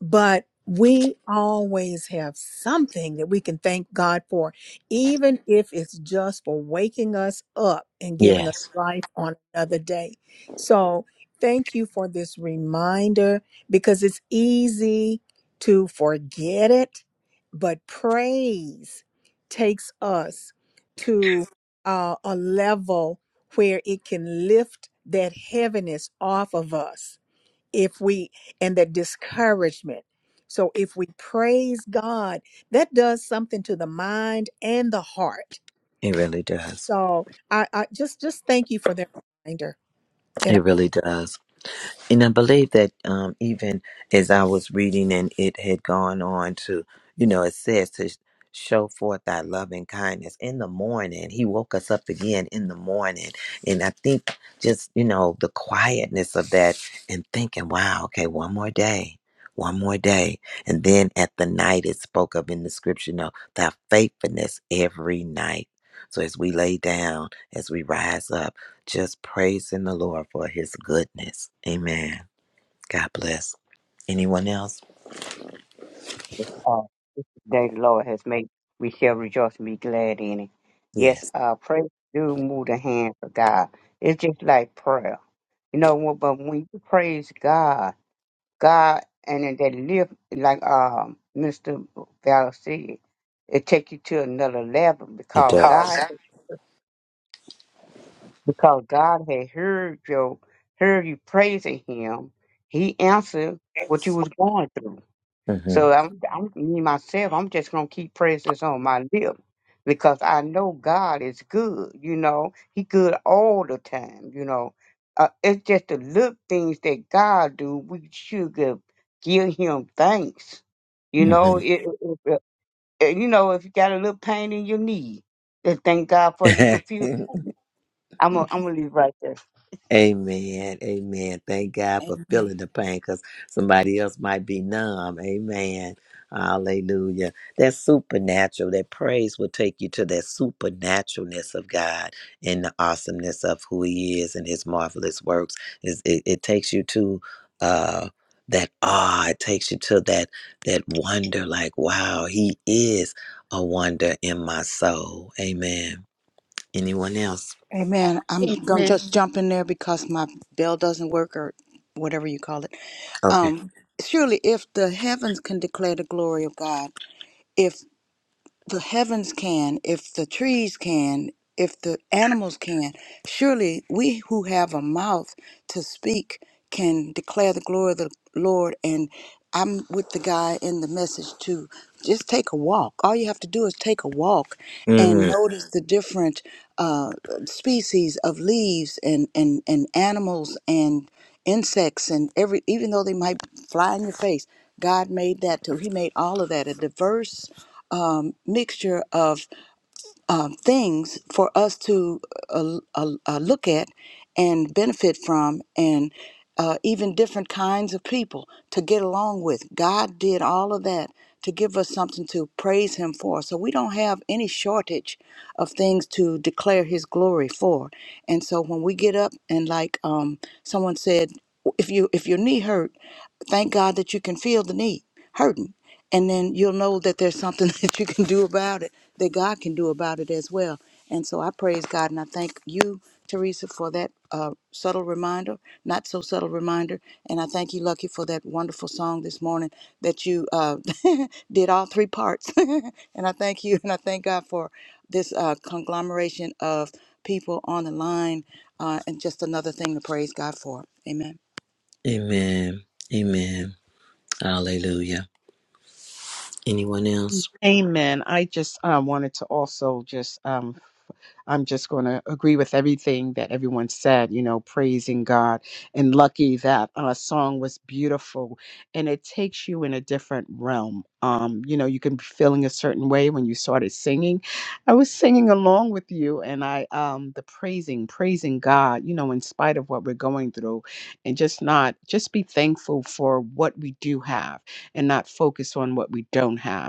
Speaker 3: but we always have something that we can thank God for, even if it's just for waking us up and giving us
Speaker 1: Yes.
Speaker 3: life on another day. So, thank you for this reminder because it's easy to forget it, but praise takes us to uh, a level where it can lift that heaviness off of us if we and that discouragement so if we praise god that does something to the mind and the heart
Speaker 1: It really does.
Speaker 3: so i, I just just thank you for that reminder and I,
Speaker 1: It really does. And I believe that um, even as I was reading and it had gone on to, you know, it says to sh- show forth thy love and kindness in the morning. He woke us up again in the morning. And I think just, you know, the quietness of that and thinking, wow, okay, one more day. One more day. And then at the night, it spoke of in the scripture, you know, thy faithfulness every night. So as we lay down, as we rise up, just praising the Lord for his goodness. Amen. God bless. Anyone else?
Speaker 11: uh, this is the day the Lord has made. We shall rejoice and be glad in it. Yes,
Speaker 1: Yes,
Speaker 11: uh, praise do move the hands of God. It's just like prayer. You know, when- but when you praise God, God, and then that lift, like um, Mr. Valor said, it take you to another level
Speaker 1: it
Speaker 11: because
Speaker 1: does.
Speaker 11: God,
Speaker 1: Oh,
Speaker 11: because God had heard your, heard you praising Him. He answered what you was going through.
Speaker 1: does.
Speaker 11: So I'm, I'm me myself. I'm just gonna keep praises on my lip because I know God is good. You know, He good all the time. You know, uh, it's just the little things that God do. We should give, give Him thanks. You know,
Speaker 1: Mm-hmm.
Speaker 11: it, it, it- it- You know, if you got a little pain in your knee, just thank God for it. you can feel.
Speaker 1: Mm-hmm.
Speaker 11: I'm gonna, I'm gonna leave right there.
Speaker 1: Amen. Amen. Thank God for
Speaker 2: Amen.
Speaker 1: feeling the pain because somebody else might be numb. Amen. Hallelujah. That supernatural, that praise will take you to that supernaturalness of God and the awesomeness of who He is and His marvelous works. It, it, it takes you to uh, that awe. It takes you to that that wonder. Like, wow, He is a wonder in my soul. Amen. Anyone else?
Speaker 2: Amen. I'm gonna just jump in there because my bell doesn't work or whatever you call it.
Speaker 1: Okay.
Speaker 2: Um, surely, if the heavens can declare the glory of God, if the heavens can, if the trees can, if the animals can, surely we who have a mouth to speak can declare the glory of the Lord. And I'm with the guy in the message too. Just take a walk. All you have to do is take a walk and notice the different uh, species of leaves and, and, and animals and insects and every even though they might fly in your face god made that too he made all of that a diverse um, mixture of um, things for us to uh, uh, uh, look at and benefit from, and uh, even different kinds of people to get along with. God did all of that to give us something to praise Him for. So we don't have any shortage of things to declare His glory for. And so when we get up and, like um, someone said, if you if your knee hurt, but thank God that you can feel the need, hurting. And then you'll know that there's something that you can do about it, that God can do about it as well. And so I praise God and I thank you, Teresa, for that uh, subtle reminder, not so subtle reminder. And I thank you, Lucky, for that wonderful song this morning that you uh, did all three parts. and I thank you and I thank God for this uh, conglomeration of people on the line uh, and just another thing to praise God for. Amen.
Speaker 1: Amen. Amen. Hallelujah. Anyone else?
Speaker 6: Amen. I just um, wanted to also just, um, I'm just going to agree with everything that everyone said, you know, praising God. And lucky that uh, song was beautiful and it takes you in a different realm. Um, you know, you can be feeling a certain way when you started singing. I was singing along with you and I, um, the praising, praising God, you know, in spite of what we're going through and just not, just be thankful for what we do have and not focus on what we don't have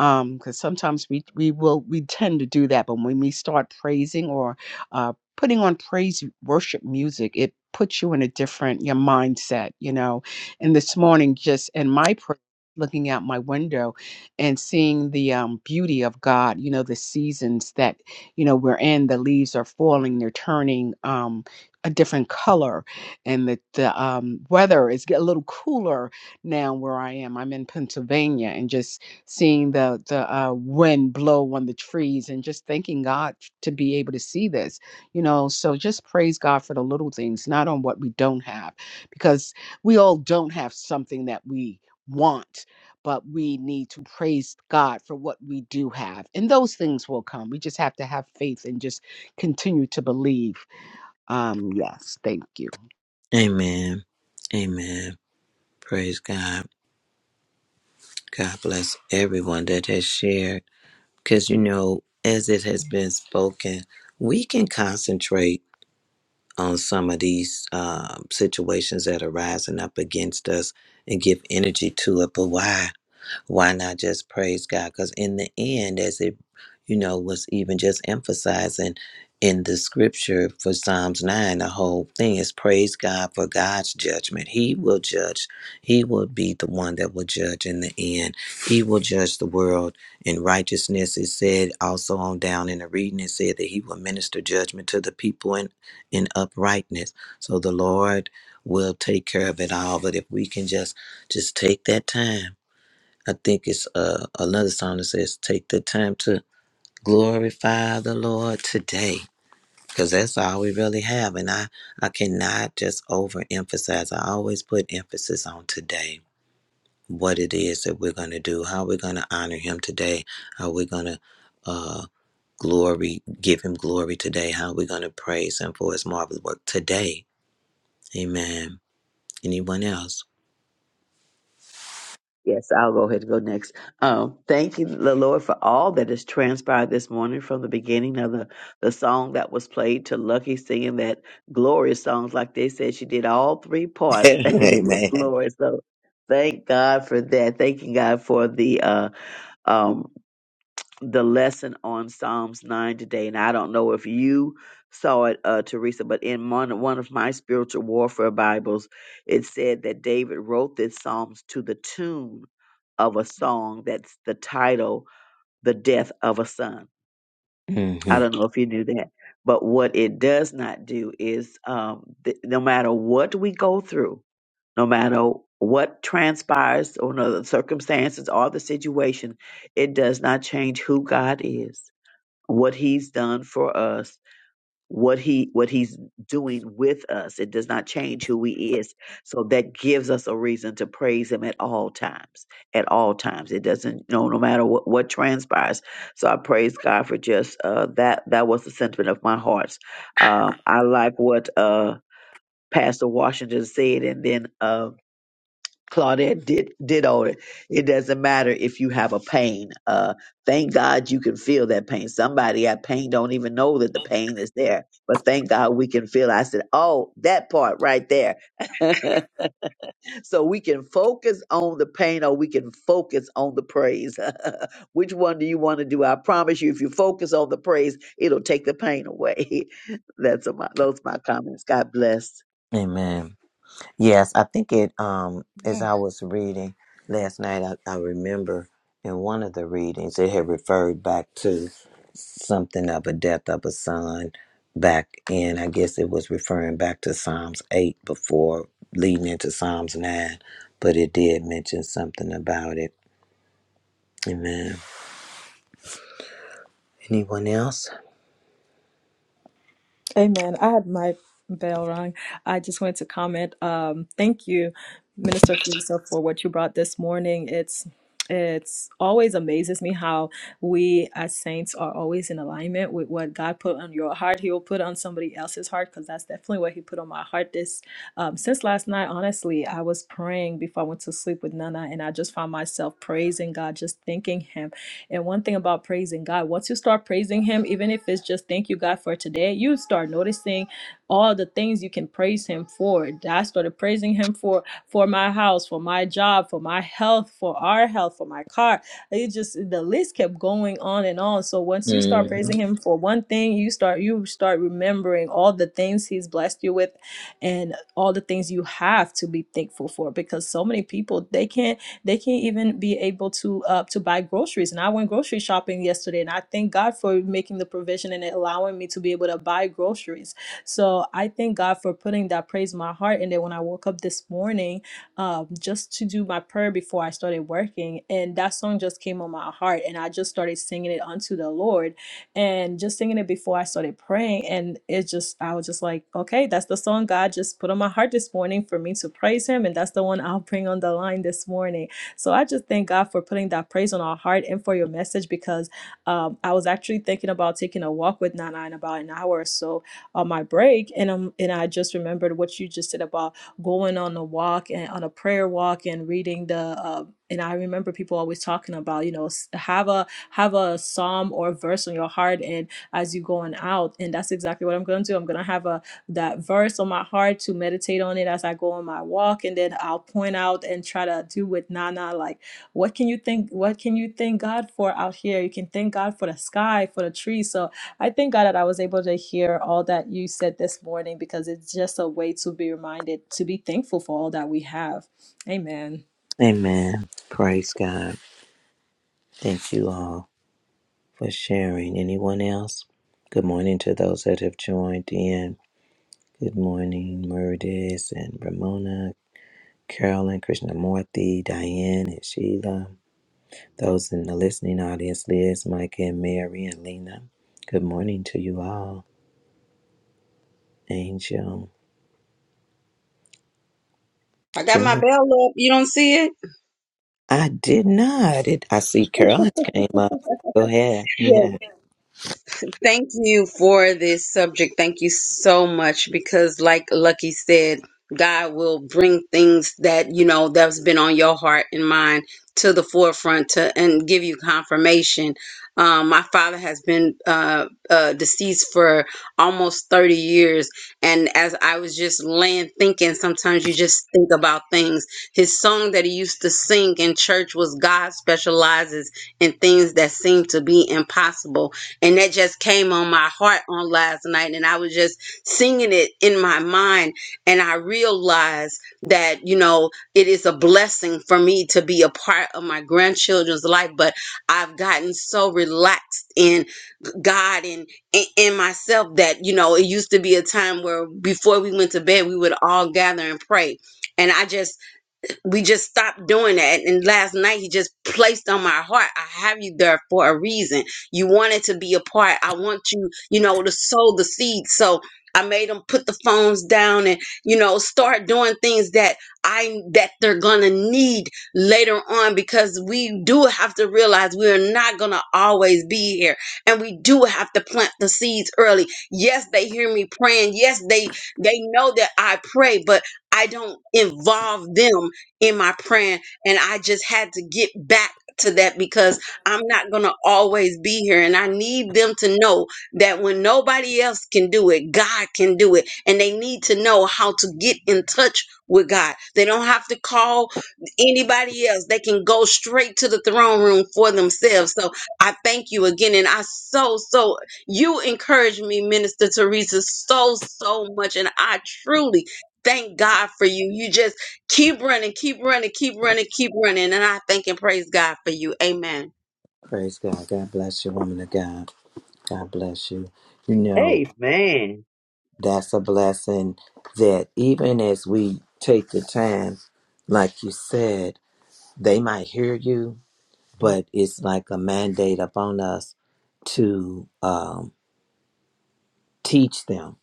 Speaker 6: um because sometimes we we will we tend to do that but when we start praising or uh putting on praise worship music it puts you in a different your mindset you know and this morning just in my prayer looking out my window and seeing the um, beauty of god you know the seasons that you know we're in the leaves are falling they're turning um, a different color and the, the um, weather is get a little cooler now where i am i'm in pennsylvania and just seeing the the uh, wind blow on the trees and just thanking God to be able to see this, you know. So just praise God for the little things, not on what we don't have, because we all don't have something that we want, but we need to praise God for what we do have, and those things will come. We just have to have faith and just continue to believe. Um, yes, thank you.
Speaker 1: Amen. Amen. Praise God. God bless everyone that has shared. Because, you know, as it has been spoken, we can concentrate on some of these um, situations that are rising up against us and give energy to it. But why? why not just praise God? Because in the end, as it, you know, was even just emphasizing in the scripture for Psalms 9, the whole thing is praise God for God's judgment. He will judge. He will be the one that will judge in the end. He will judge the world in righteousness. It said also on down in the reading, it said that he will minister judgment to the people in, in uprightness. So the Lord will take care of it all. But if we can just just take that time I think it's uh, another song that says, Take the time to glorify the Lord today. Because that's all we really have. And I, I cannot just overemphasize. I always put emphasis on today what it is that we're going to do, how we're going to honor Him today, how we're going to uh, glory, give Him glory today, how we're going to praise Him for His marvelous work today. Amen. Anyone else?
Speaker 4: Yes, I'll go ahead and go next. Um, thank you, the Lord, for all that has transpired this morning from the beginning of the, the song that was played to Lucky singing that glorious songs. Like they said, she did all three parts and it was
Speaker 1: Amen.
Speaker 4: glorious. So thank God for that. Thank you, God, for the uh, um, the lesson on Psalms 9 today. And I don't know if you saw it, uh, Teresa, but in one, one of my spiritual warfare Bibles, it said that David wrote this Psalms to the tune of a song that's the title, The Death of a Son. I
Speaker 1: hmm
Speaker 4: don't know if you knew that. But what it does not do is um, th- no matter what we go through, no matter what transpires or no, the circumstances or the situation, it does not change who God is what he's done for us what he what he's doing with us it does not change who he is so that gives us a reason to praise him at all times at all times it doesn't you know no matter what what transpires so i praise god for just uh that that was the sentiment of my heart um i like what uh pastor washington said and then um Claudette did did all it. It doesn't matter if you have a pain. Uh, thank God you can feel that pain. Somebody at pain don't even know that the pain is there, but thank God we can feel. it. I said, oh, that part right there. so we can focus on the pain, or we can focus on the praise. Which one do you want to do? I promise you, if you focus on the praise, it'll take the pain away. That's my those my comments. God bless.
Speaker 1: Amen. Yes, I think it, um,
Speaker 2: Amen.
Speaker 1: as I was reading last night, I, I remember in one of the readings, it had referred back to something of a death of a son back in, I guess it was referring back to Psalms 8 before leading into Psalms 9, but it did mention something about it. Amen. Anyone else?
Speaker 10: Amen. I had my bell rung. I just wanted to comment. Um, thank you, Minister Teresa, for what you brought this morning. It's it's always amazes me how we as saints are always in alignment with what God put on your heart. He will put on somebody else's heart because that's definitely what He put on my heart. This um, since last night, honestly, I was praying before I went to sleep with Nana, and I just found myself praising God, just thanking Him and one thing about praising God, once you start praising Him, even if it's just thank you, God, for today, you start noticing all the things you can praise Him for. I started praising Him for for my house, for my job, for my health, for our health, for my car. It just the list kept going on and on. So once you start
Speaker 1: hmm
Speaker 10: praising Him for one thing, you start you start remembering all the things He's blessed you with, and all the things you have to be thankful for. Because so many people they can't they can't even be able to uh, to buy groceries. And I went grocery shopping yesterday, and I thank God for making the provision and allowing me to be able to buy groceries. So I thank God for putting that praise in my heart. And then when I woke up this morning, um, just to do my prayer before I started working, and that song just came on my heart, and I just started singing it unto the Lord and just singing it before I started praying. And it just, I was just like, okay, that's the song God just put on my heart this morning for me to praise Him. And that's the one I'll bring on the line this morning. So I just thank God for putting that praise on our heart and for your message because um, I was actually thinking about taking a walk with Nana in about an hour or so on my break, and um, and I just remembered what you just said about going on a walk and on a prayer walk and reading the. Uh, and I remember people always talking about, you know, s- have a have a psalm or verse on your heart, and as you going out, and that's exactly what I'm going to do. I'm going to have a that verse on my heart to meditate on it as I go on my walk. And then I'll point out and try to do with Nana, like, what can you think? What can you thank God for out here? You can thank God for the sky, for the trees. So I thank God that I was able to hear all that you said this morning because it's just a way to be reminded to be thankful for all that we have. Amen.
Speaker 1: Amen. Praise God. Thank you all for sharing. Anyone else? Good morning to those that have joined in. Good morning, Murdis and Ramona, Carolyn, Krishnamurti, Diane, and Sheila. Those in the listening audience, Liz, Micah, and Mary, and Lena. Good morning to you all. Angel,
Speaker 12: I got my
Speaker 1: Jeanette.
Speaker 12: bell up. You don't see it?
Speaker 1: I did not. It, I see Carolyn came up. Go ahead.
Speaker 12: Yeah.
Speaker 1: Yeah.
Speaker 12: Thank you for this subject. Thank you so much because, like Lucky said, God will bring things that you know that's been on your heart and mind to the forefront to and give you confirmation. Um, my father has been uh, uh, deceased for almost 30 years. And as I was just laying thinking, sometimes you just think about things. His song that he used to sing in church was God specializes in things that seem to be impossible and that just came on my heart on last night and i was just singing it in my mind and i realized that you know it is a blessing for me to be a part of my grandchildren's life but i've gotten so relaxed in god and and and myself that you know it used to be a time where before we went to bed we would all gather and pray and i just we just stopped doing that. And last night he just placed on my heart, I have you there for a reason. You wanted to be a part. I want you, you know, to sow the seed. So I made them put the phones down and, you know, start doing things that I that they're gonna need later on because we do have to realize we are not gonna always be here. And we do have to plant the seeds early. Yes, they hear me praying. Yes, they they know that I pray, but I don't involve them in my praying and I just had to get back to that because I'm not going to always be here and I need them to know that when nobody else can do it, God can do it and they need to know how to get in touch with God. They don't have to call anybody else. They can go straight to the throne room for themselves. So I thank you again and I so so you encourage me Minister Teresa so so much and I truly thank God for you. You just Keep running, keep running, keep running, keep running. And I thank and praise God for you. Amen.
Speaker 1: Praise God. God bless you, woman of God. God bless you. You know,
Speaker 4: Amen.
Speaker 1: that's a blessing that even as we take the time, like you said, they might hear you but it's like a mandate upon us to um, teach them,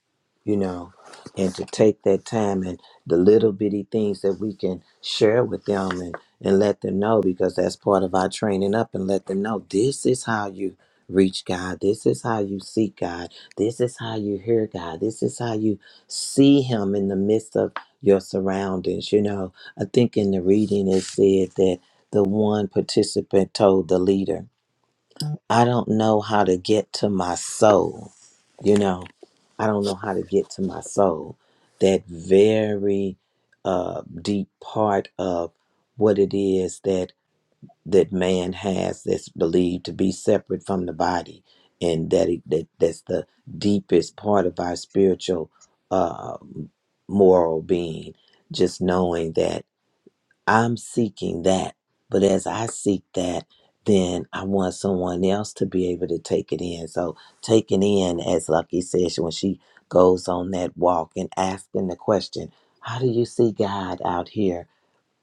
Speaker 1: you know, and to take that time and the little bitty things that we can share with them and, and let them know because that's part of our training up and let them know this is how you reach God. This is how you seek God. This is how you hear God. This is how you see Him in the midst of your surroundings. You know, I think in the reading it said that the one participant told the leader, I don't know how to get to my soul. You know, I don't know how to get to my soul. That very uh, deep part of what it is that that man has that's believed to be separate from the body, and that, it, that that's the deepest part of our spiritual, uh, moral being. Just knowing that. I'm seeking that. But as I seek that, then I want someone else to be able to take it in. So taking in, as Lucky says, when she goes on that walk and asking the question, how do you see God out here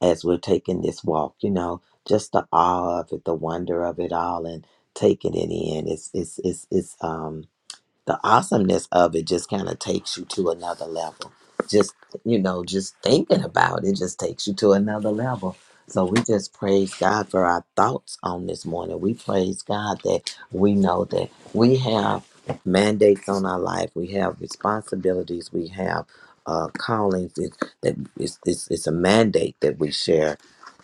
Speaker 1: as we're taking this walk? You know, just the awe of it, the wonder of it all and taking it in. It's it's it's it's um the awesomeness of it just kind of takes you to another level. Just, you know, just thinking about it just takes you to another level. So we just praise God for our thoughts on this morning. We praise God that we know that we have mandates on our life, we have responsibilities, we have uh, callings. It, that it's, it's, it's a mandate that we share.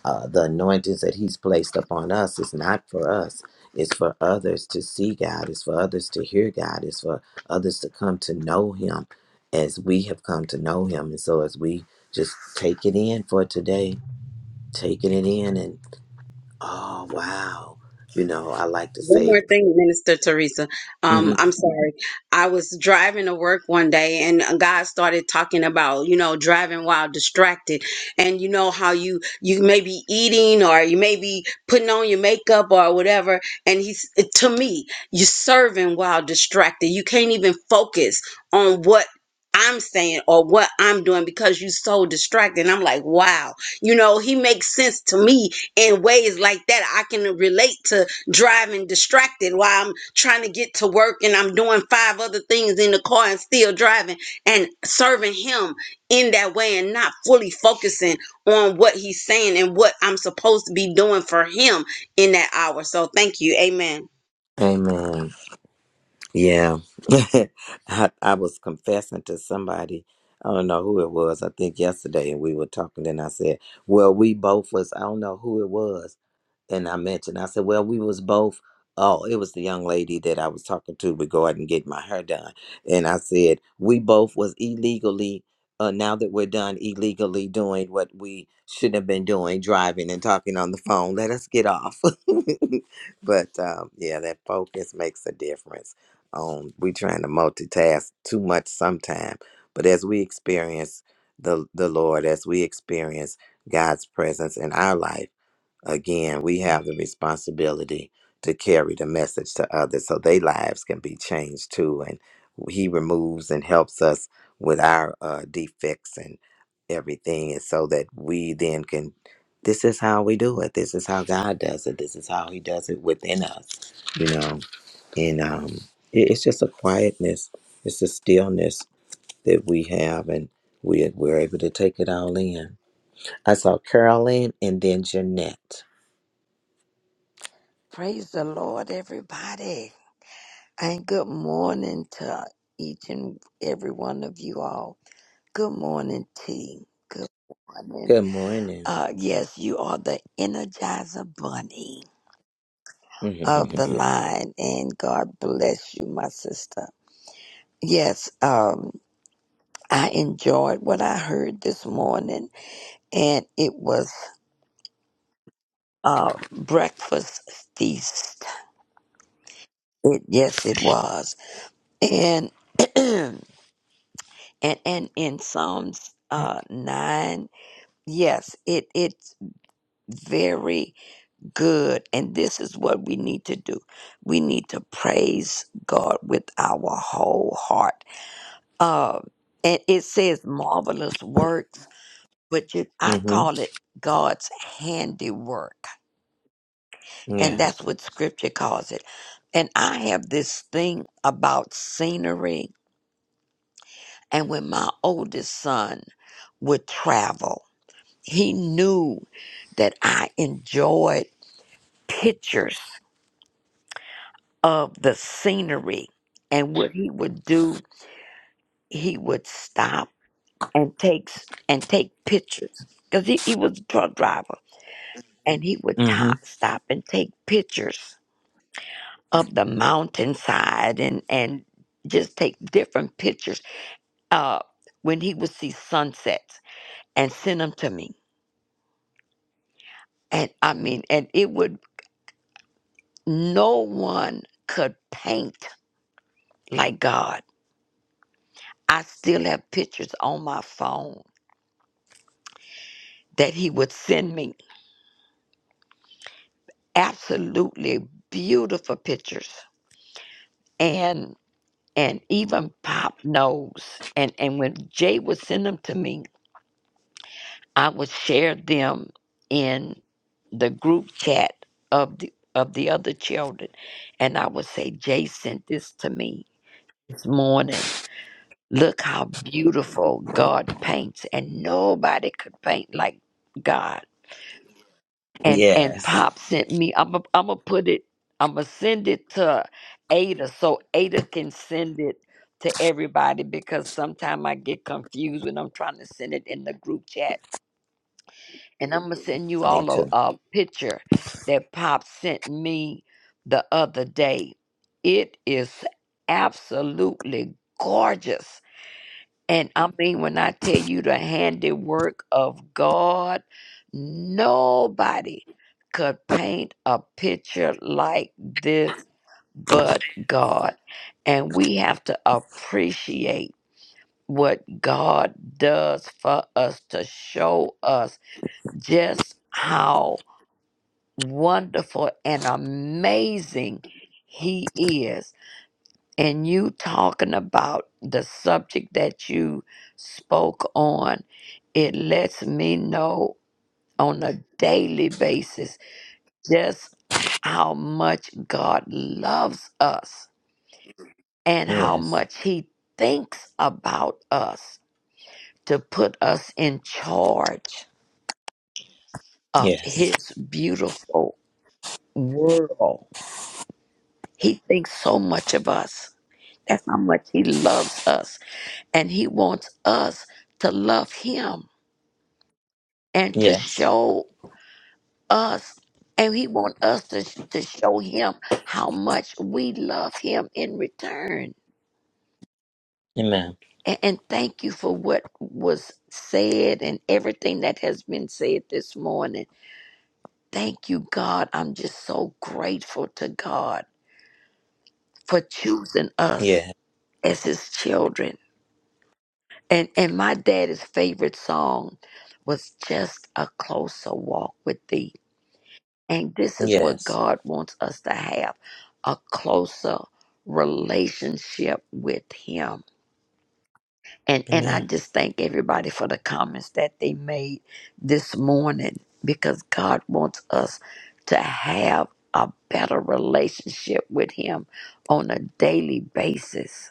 Speaker 1: Uh, the anointings that He's placed upon us is not for us. It's for others to see God. It's for others to hear God. It's for others to come to know Him as we have come to know Him. And so, as we just take it in for today, taking it in, and oh, wow. You know, I like to
Speaker 12: One
Speaker 1: say,
Speaker 12: more thing, Minister Teresa. Um,
Speaker 1: hmm
Speaker 12: I'm sorry. I was driving to work one day and God started talking about, you know, driving while distracted. And you know how you you may be eating or you may be putting on your makeup or whatever. And he's to me, you're serving while distracted. You can't even focus on what I'm saying or what I'm doing because you're so distracted. And I'm like, wow. You know, he makes sense to me in ways like that. I can relate to driving distracted while I'm trying to get to work and I'm doing five other things in the car and still driving and serving him in that way and not fully focusing on what he's saying and what I'm supposed to be doing for him in that hour. So thank you. Amen.
Speaker 1: Amen. Yeah. I, I was confessing to somebody. I don't know who it was. I think yesterday, and we were talking. Then I said, "Well, we both was. I don't know who it was." and I mentioned, I said, well, we was both. Oh, it was the young lady that I was talking to regarding getting my hair done, and I said we both was illegally. Uh, now that we're done illegally doing what we shouldn't have been doing, driving and talking on the phone, let us get off. but um, yeah, that focus makes a difference. Um, we trying to multitask too much sometime, but as we experience the the Lord, as we experience God's presence in our life Again, we have the responsibility to carry the message to others so their lives can be changed too. And He removes and helps us with our uh, defects and everything, and so that we then can. This is how we do it. This is how God does it. This is how He does it within us, you know. And um, it, it's just a quietness, it's a stillness that we have, and we we're able to take it all in. I saw Carolyn and then Jeanette.
Speaker 13: Praise the Lord, everybody. And good morning to each and every one of you all. Good morning, team. Good morning.
Speaker 1: Good morning.
Speaker 13: Uh, yes, you are the Energizer Bunny of the
Speaker 1: mm-hmm.
Speaker 13: line, and God bless you, my sister. Yes, um, I enjoyed what I heard this morning, and it was uh, breakfast feast. It, yes, it was. And and and in Psalms uh nine, yes, it it's very good, and this is what we need to do. We need to praise God with our whole heart. Um, and it says marvelous works, but you, I call it God's handiwork, and that's
Speaker 1: Yes.
Speaker 13: what Scripture calls it. And I have this thing about scenery, and when my oldest son would travel. He knew that I enjoyed pictures of the scenery and what he would do, he would stop and takes and take pictures because he, he was a truck driver and he would
Speaker 1: hmm
Speaker 13: top, stop and take pictures of the mountainside and and just take different pictures uh when he would see sunsets and send them to me and i mean and it would no one could paint like God. I still have pictures on my phone that he would send me. Absolutely beautiful pictures. And and even Pop knows. And and when Jay would send them to me, I would share them in the group chat of the of the other children. And I would say, Jay sent this to me this morning. Look how beautiful God paints. And nobody could paint like God. and and
Speaker 1: Yes.
Speaker 13: pop sent me i'm gonna I'm gonna put it i'm gonna send it to ada so ada can send it to everybody because sometimes i get confused when i'm trying to send it in the group chat and i'm gonna send you
Speaker 1: Me
Speaker 13: all a,
Speaker 1: too.
Speaker 13: a picture that pop sent me the other day it is absolutely gorgeous and I mean, when I tell you the handiwork of God, nobody could paint a picture like this but God. And we have to appreciate what God does for us to show us just how wonderful and amazing He is and you talking about the subject that you spoke on, it lets me know on a daily basis just how much God loves us and how
Speaker 1: Yes.
Speaker 13: much He thinks about us to put us in charge of
Speaker 1: Yes.
Speaker 13: His beautiful world. He thinks so much of us. That's how much He loves us. And He wants us to love Him and to
Speaker 1: Yes.
Speaker 13: show us. And he wants us to, to show him how much we love him in return.
Speaker 1: Amen.
Speaker 13: And, and thank you for what was said and everything that has been said this morning. Thank you, God. I'm just so grateful to God for choosing us
Speaker 1: Yeah.
Speaker 13: as his children And and my daddy's favorite song was just a closer walk with thee. And this is what
Speaker 1: Yes.
Speaker 13: God wants us to have a closer relationship with him. And and I
Speaker 1: Amen.
Speaker 13: just thank everybody for the comments that they made this morning because God wants us to have a better relationship with him on a daily basis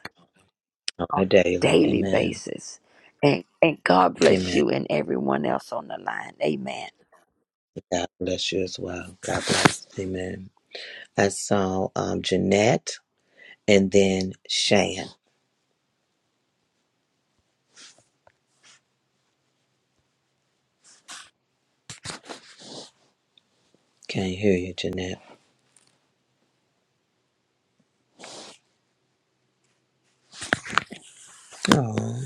Speaker 1: On
Speaker 13: on
Speaker 1: a
Speaker 13: a
Speaker 1: daily.
Speaker 13: daily
Speaker 1: Amen.
Speaker 13: basis. And and God bless
Speaker 1: Amen.
Speaker 13: you and everyone else on the line. Amen.
Speaker 1: God bless you as well. God bless. Amen. I saw um Jeanette and then Shan. Can't hear you, Jeanette. Oh,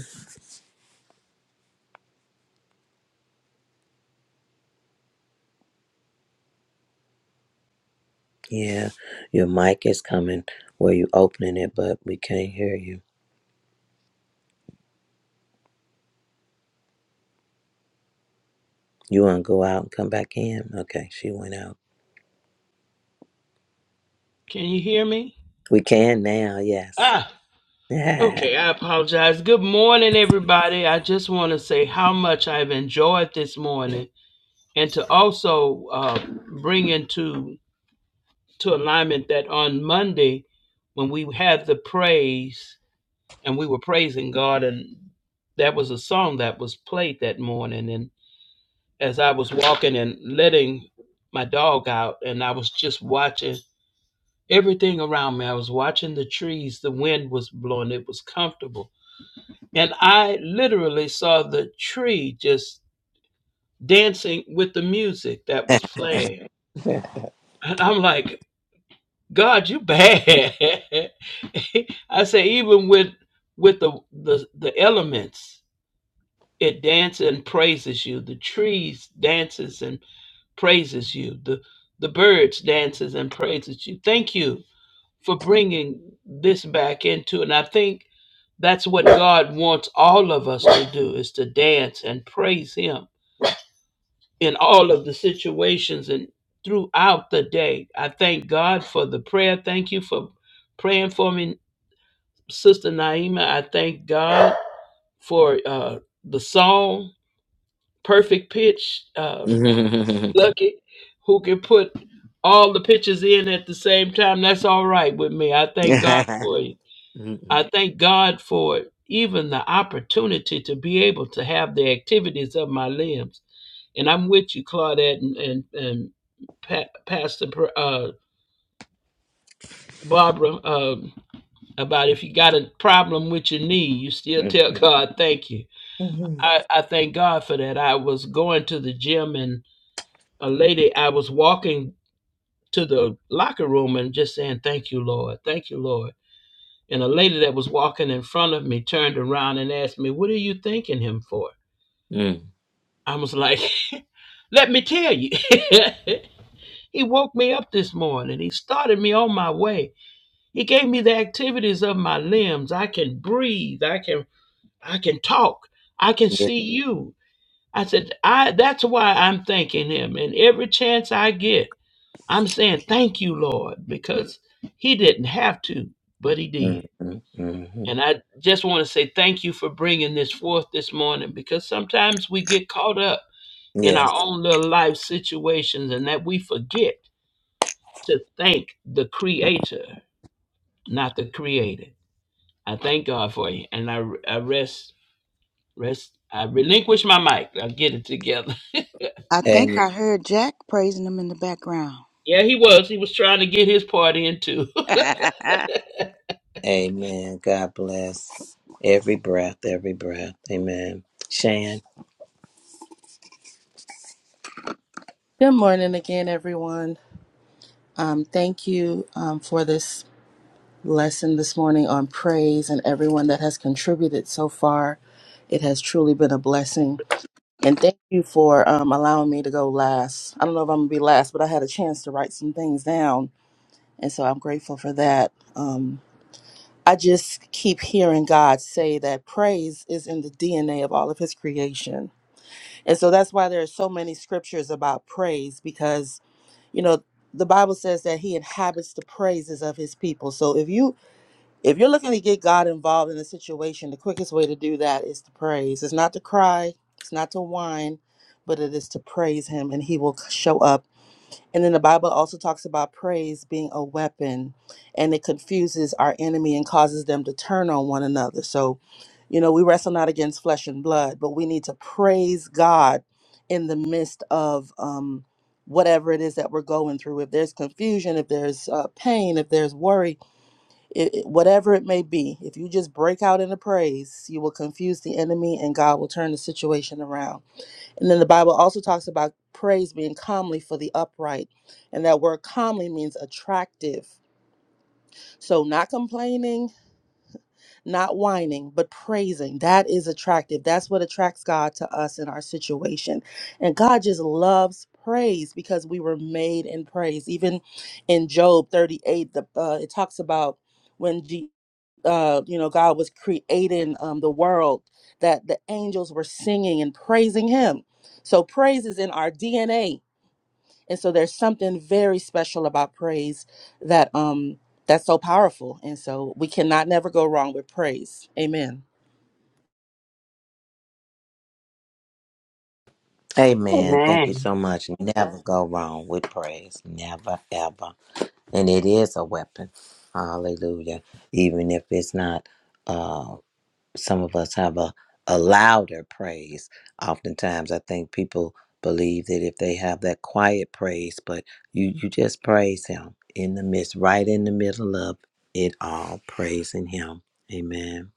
Speaker 1: yeah. Your mic is coming where you opening it, but we can't hear you. You want to go out and come back in? Okay, she went out.
Speaker 14: Can you hear me?
Speaker 1: We can now, yes.
Speaker 14: Ah,
Speaker 1: yeah.
Speaker 14: okay. I apologize. Good morning, everybody. I just want to say how much I've enjoyed this morning, and to also uh, bring into to alignment that on Monday, when we had the praise and we were praising God, and that was a song that was played that morning, and as I was walking and letting my dog out, and I was just watching everything around me. I was watching the trees. The wind was blowing. It was comfortable And I literally saw the tree just dancing with the music that was playing. And I'm like, God, you bad. I say, even with with the, the the elements, it dances and praises you. The trees dances and praises you. The the birds dances and praises you. Thank you for bringing this back into and i think that's what god wants all of us to do is to dance and praise him in all of the situations and throughout the day. I thank God for the prayer. Thank you for praying for me, Sister Naima. I thank God for uh, the song, Perfect Pitch, uh,
Speaker 1: Mm-hmm.
Speaker 14: Lucky, who can put all the pitches in at the same time. That's all right with me. I thank God for you. I thank God for even the opportunity to be able to have the activities of my limbs. And I'm with you, Claudette and and, and pa- Pastor uh, Barbara, um, about if you got a problem with your knee, you still tell God thank you. I, I thank God for that. I was going to the gym and a lady, I was walking to the locker room and just saying, Thank you, Lord. Thank you, Lord. And a lady that was walking in front of me turned around and asked me, What are you thanking him for? I was like, Let me tell you. he woke me up this morning. He started me on my way He gave me the activities of my limbs. I can breathe. I can I can talk. I can see you. I said, I that's why I'm thanking him. And every chance I get, I'm saying thank you, Lord, because he didn't have to, but he did. And I just want to say thank you for bringing this forth this morning because sometimes we get caught up in our
Speaker 1: Yes.
Speaker 14: own little life situations and that we forget to thank the creator, not the created. I thank God for you, and I I rest rest. I relinquish my mic. I'll get it together.
Speaker 2: I think
Speaker 1: Amen.
Speaker 2: I heard Jack praising him in the background.
Speaker 14: Yeah, he was. He was trying to get his part in too.
Speaker 2: Happy
Speaker 1: Amen. God bless every breath, every breath. Amen. Shan.
Speaker 5: Good morning again, everyone. Um, thank you um, for this lesson this morning on praise and everyone that has contributed so far. It has truly been a blessing. And thank you for um, allowing me to go last. I don't know if I'm going to be last, but I had a chance to write some things down. And so I'm grateful for that. Um, I just keep hearing God say that praise is in the DNA of all of his creation And so that's why there are so many scriptures about praise because, you know, the Bible says that he inhabits the praises of his people. So if you if you're looking to get God involved in a situation, the quickest way to do that is to praise. It's not to cry, it's not to whine, but it is to praise him and he will show up and then the Bible also talks about praise being a weapon and it confuses our enemy and causes them to turn on one another. So, you know, we wrestle not against flesh and blood, but we need to praise God in the midst of um, whatever it is that we're going through. If there's confusion, if there's uh, pain, if there's worry, it, it- whatever it may be, if you just break out into praise, you will confuse the enemy and God will turn the situation around. And then the Bible also talks about praise being calmly for the upright. And that word calmly means attractive. So, not complaining, not whining, but praising. That is attractive. That's what attracts God to us in our situation. And God just loves praise because we were made in praise. Even in Job 38, the, uh, it talks about when Je- uh, you know, God was creating um, the world, that the angels were singing and praising Him. So praise is in our DNA, and so there's something very special about praise that um that's so powerful, and so we cannot never go wrong with praise. Amen.
Speaker 1: Amen.
Speaker 4: Amen.
Speaker 1: Thank you so much. Never go wrong with praise. Never, ever. And it is a weapon. Hallelujah. Even if it's not. uh, some of us have a, a louder praise. Oftentimes, I think people believe that if they have that quiet praise, but you, you just praise Him in the midst, right in the middle of it all, praising Him. Amen.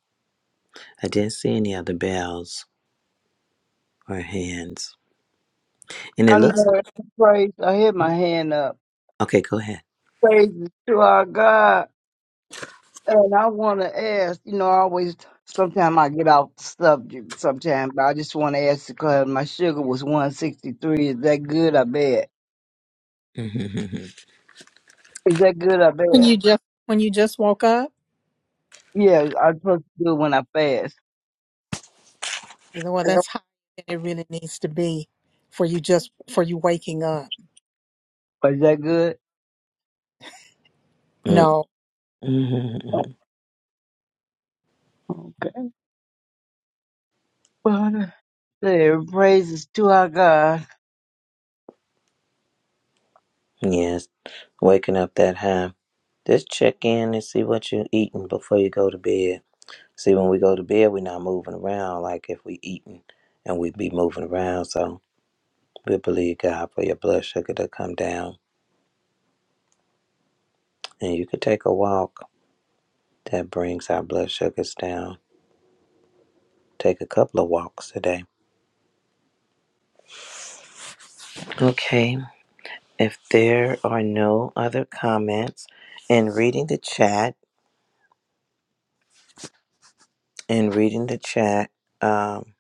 Speaker 1: I didn't see any other bells or hands. And it
Speaker 9: I know
Speaker 1: looks
Speaker 9: every praise. I had my hand up.
Speaker 1: okay, go ahead.
Speaker 9: Praise to our God. And I want to ask, you know, I always, sometimes I get off the subject sometimes, but I just want to ask because my sugar was 163. Is that good or bad? Is that good or
Speaker 3: when
Speaker 9: bad?
Speaker 3: you just when you just woke up
Speaker 9: Yeah, I'm supposed to do it when I fast.
Speaker 3: well that's how it really needs to be for you just for you waking up
Speaker 9: But is that good?
Speaker 1: Mm,
Speaker 3: No.
Speaker 9: Oh,
Speaker 1: mhm.
Speaker 9: Okay. But uh, praise to our God.
Speaker 1: yes, waking up that high. Just check in and see what you're eating before you go to bed. See, when we go to bed, we're not moving around like if we eating and we be moving around. So we believe God for your blood sugar to come down. And you could take a walk that brings our blood sugars down. Take a couple of walks today. Okay, if there are no other comments, and reading the chat, and reading the chat, um,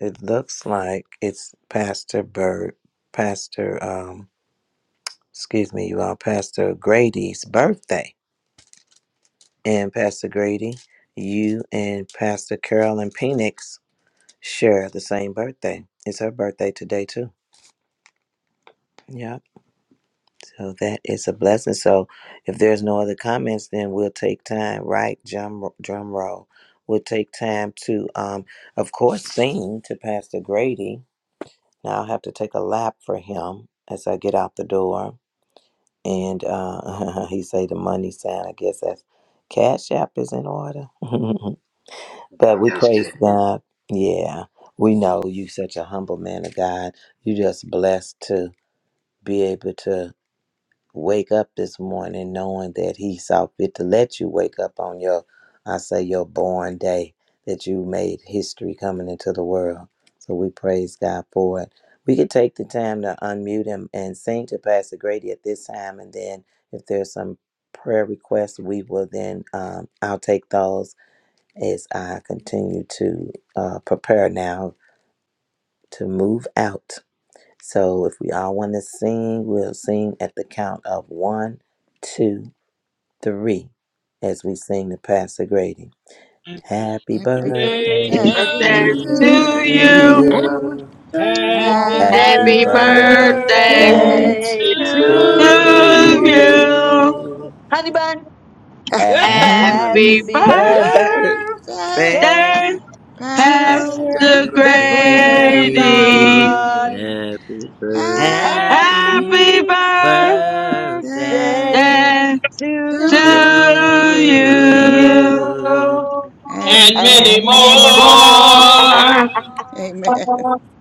Speaker 1: it looks like it's Pastor Bird, Pastor, um, excuse me, you all, Pastor Grady's birthday. and Pastor Grady, you and Pastor Carolyn Penix share the same birthday. It's her birthday today too. Yep. So that is a blessing. So if there's no other comments, then we'll take time, right? Drum drum roll. We'll take time to um of course sing to Pastor Grady. Now I'll have to take a lap for him as I get out the door. And uh he say the money sign, I guess that's Cash App is in order.
Speaker 15: Nah,
Speaker 1: But
Speaker 15: I'm
Speaker 1: we
Speaker 15: just
Speaker 1: praise
Speaker 15: kidding.
Speaker 1: God. Yeah. We know you such a humble man of God. You just blessed to be able to wake up this morning knowing that he saw fit to let you wake up on your I say your born day that you made history coming into the world. So we praise God for it. We could take the time to unmute him and sing to Pastor Grady at this time and then if there's some prayer requests we will then um, I'll take those as I continue to uh, prepare now to move out. So if we all want to sing, we'll sing at the count of one, two, three, as we sing the Pastor Grady. Happy
Speaker 14: Day
Speaker 1: birthday
Speaker 2: birthday
Speaker 14: two.
Speaker 16: Happy
Speaker 2: to
Speaker 17: birthday
Speaker 1: to
Speaker 17: to you.
Speaker 16: birthday
Speaker 2: you.
Speaker 1: you.
Speaker 14: Happy
Speaker 2: Happy
Speaker 1: Happy
Speaker 17: Happy
Speaker 4: Happy
Speaker 17: birthday
Speaker 14: birthday
Speaker 8: Yes,
Speaker 16: to
Speaker 1: birthday
Speaker 2: birthday
Speaker 14: to
Speaker 16: you.
Speaker 4: birthday
Speaker 8: to
Speaker 4: to
Speaker 1: to
Speaker 17: to
Speaker 2: to
Speaker 14: you.
Speaker 8: you.
Speaker 17: you.
Speaker 4: you.
Speaker 2: you.
Speaker 1: you.
Speaker 4: Honey bun,
Speaker 6: Happy.
Speaker 2: Happy
Speaker 17: Happy
Speaker 1: Happy
Speaker 4: happy birthday
Speaker 1: birthday
Speaker 2: birthday,
Speaker 17: birthday,
Speaker 4: to
Speaker 3: Dear
Speaker 2: Pastor
Speaker 17: Pastor
Speaker 1: Pastor
Speaker 4: the great man
Speaker 3: plug,
Speaker 4: of
Speaker 17: Grady.
Speaker 1: Grady,
Speaker 4: God.
Speaker 2: Grady.
Speaker 16: Happy birthday.
Speaker 3: happy
Speaker 2: Happy
Speaker 6: We love you.
Speaker 1: happy
Speaker 3: birthday
Speaker 17: Happy
Speaker 4: Happy
Speaker 17: birthday
Speaker 2: birthday
Speaker 4: birthday
Speaker 1: birthday
Speaker 2: to
Speaker 3: to
Speaker 4: to
Speaker 8: Yes,
Speaker 3: you.
Speaker 4: you
Speaker 17: to you.
Speaker 2: you.
Speaker 1: to
Speaker 8: to
Speaker 1: you.
Speaker 8: you.
Speaker 2: and
Speaker 14: and
Speaker 4: and many
Speaker 14: many
Speaker 8: And
Speaker 2: many
Speaker 8: many
Speaker 4: more.
Speaker 14: more.
Speaker 17: More.
Speaker 2: more.
Speaker 8: more.
Speaker 2: Amen.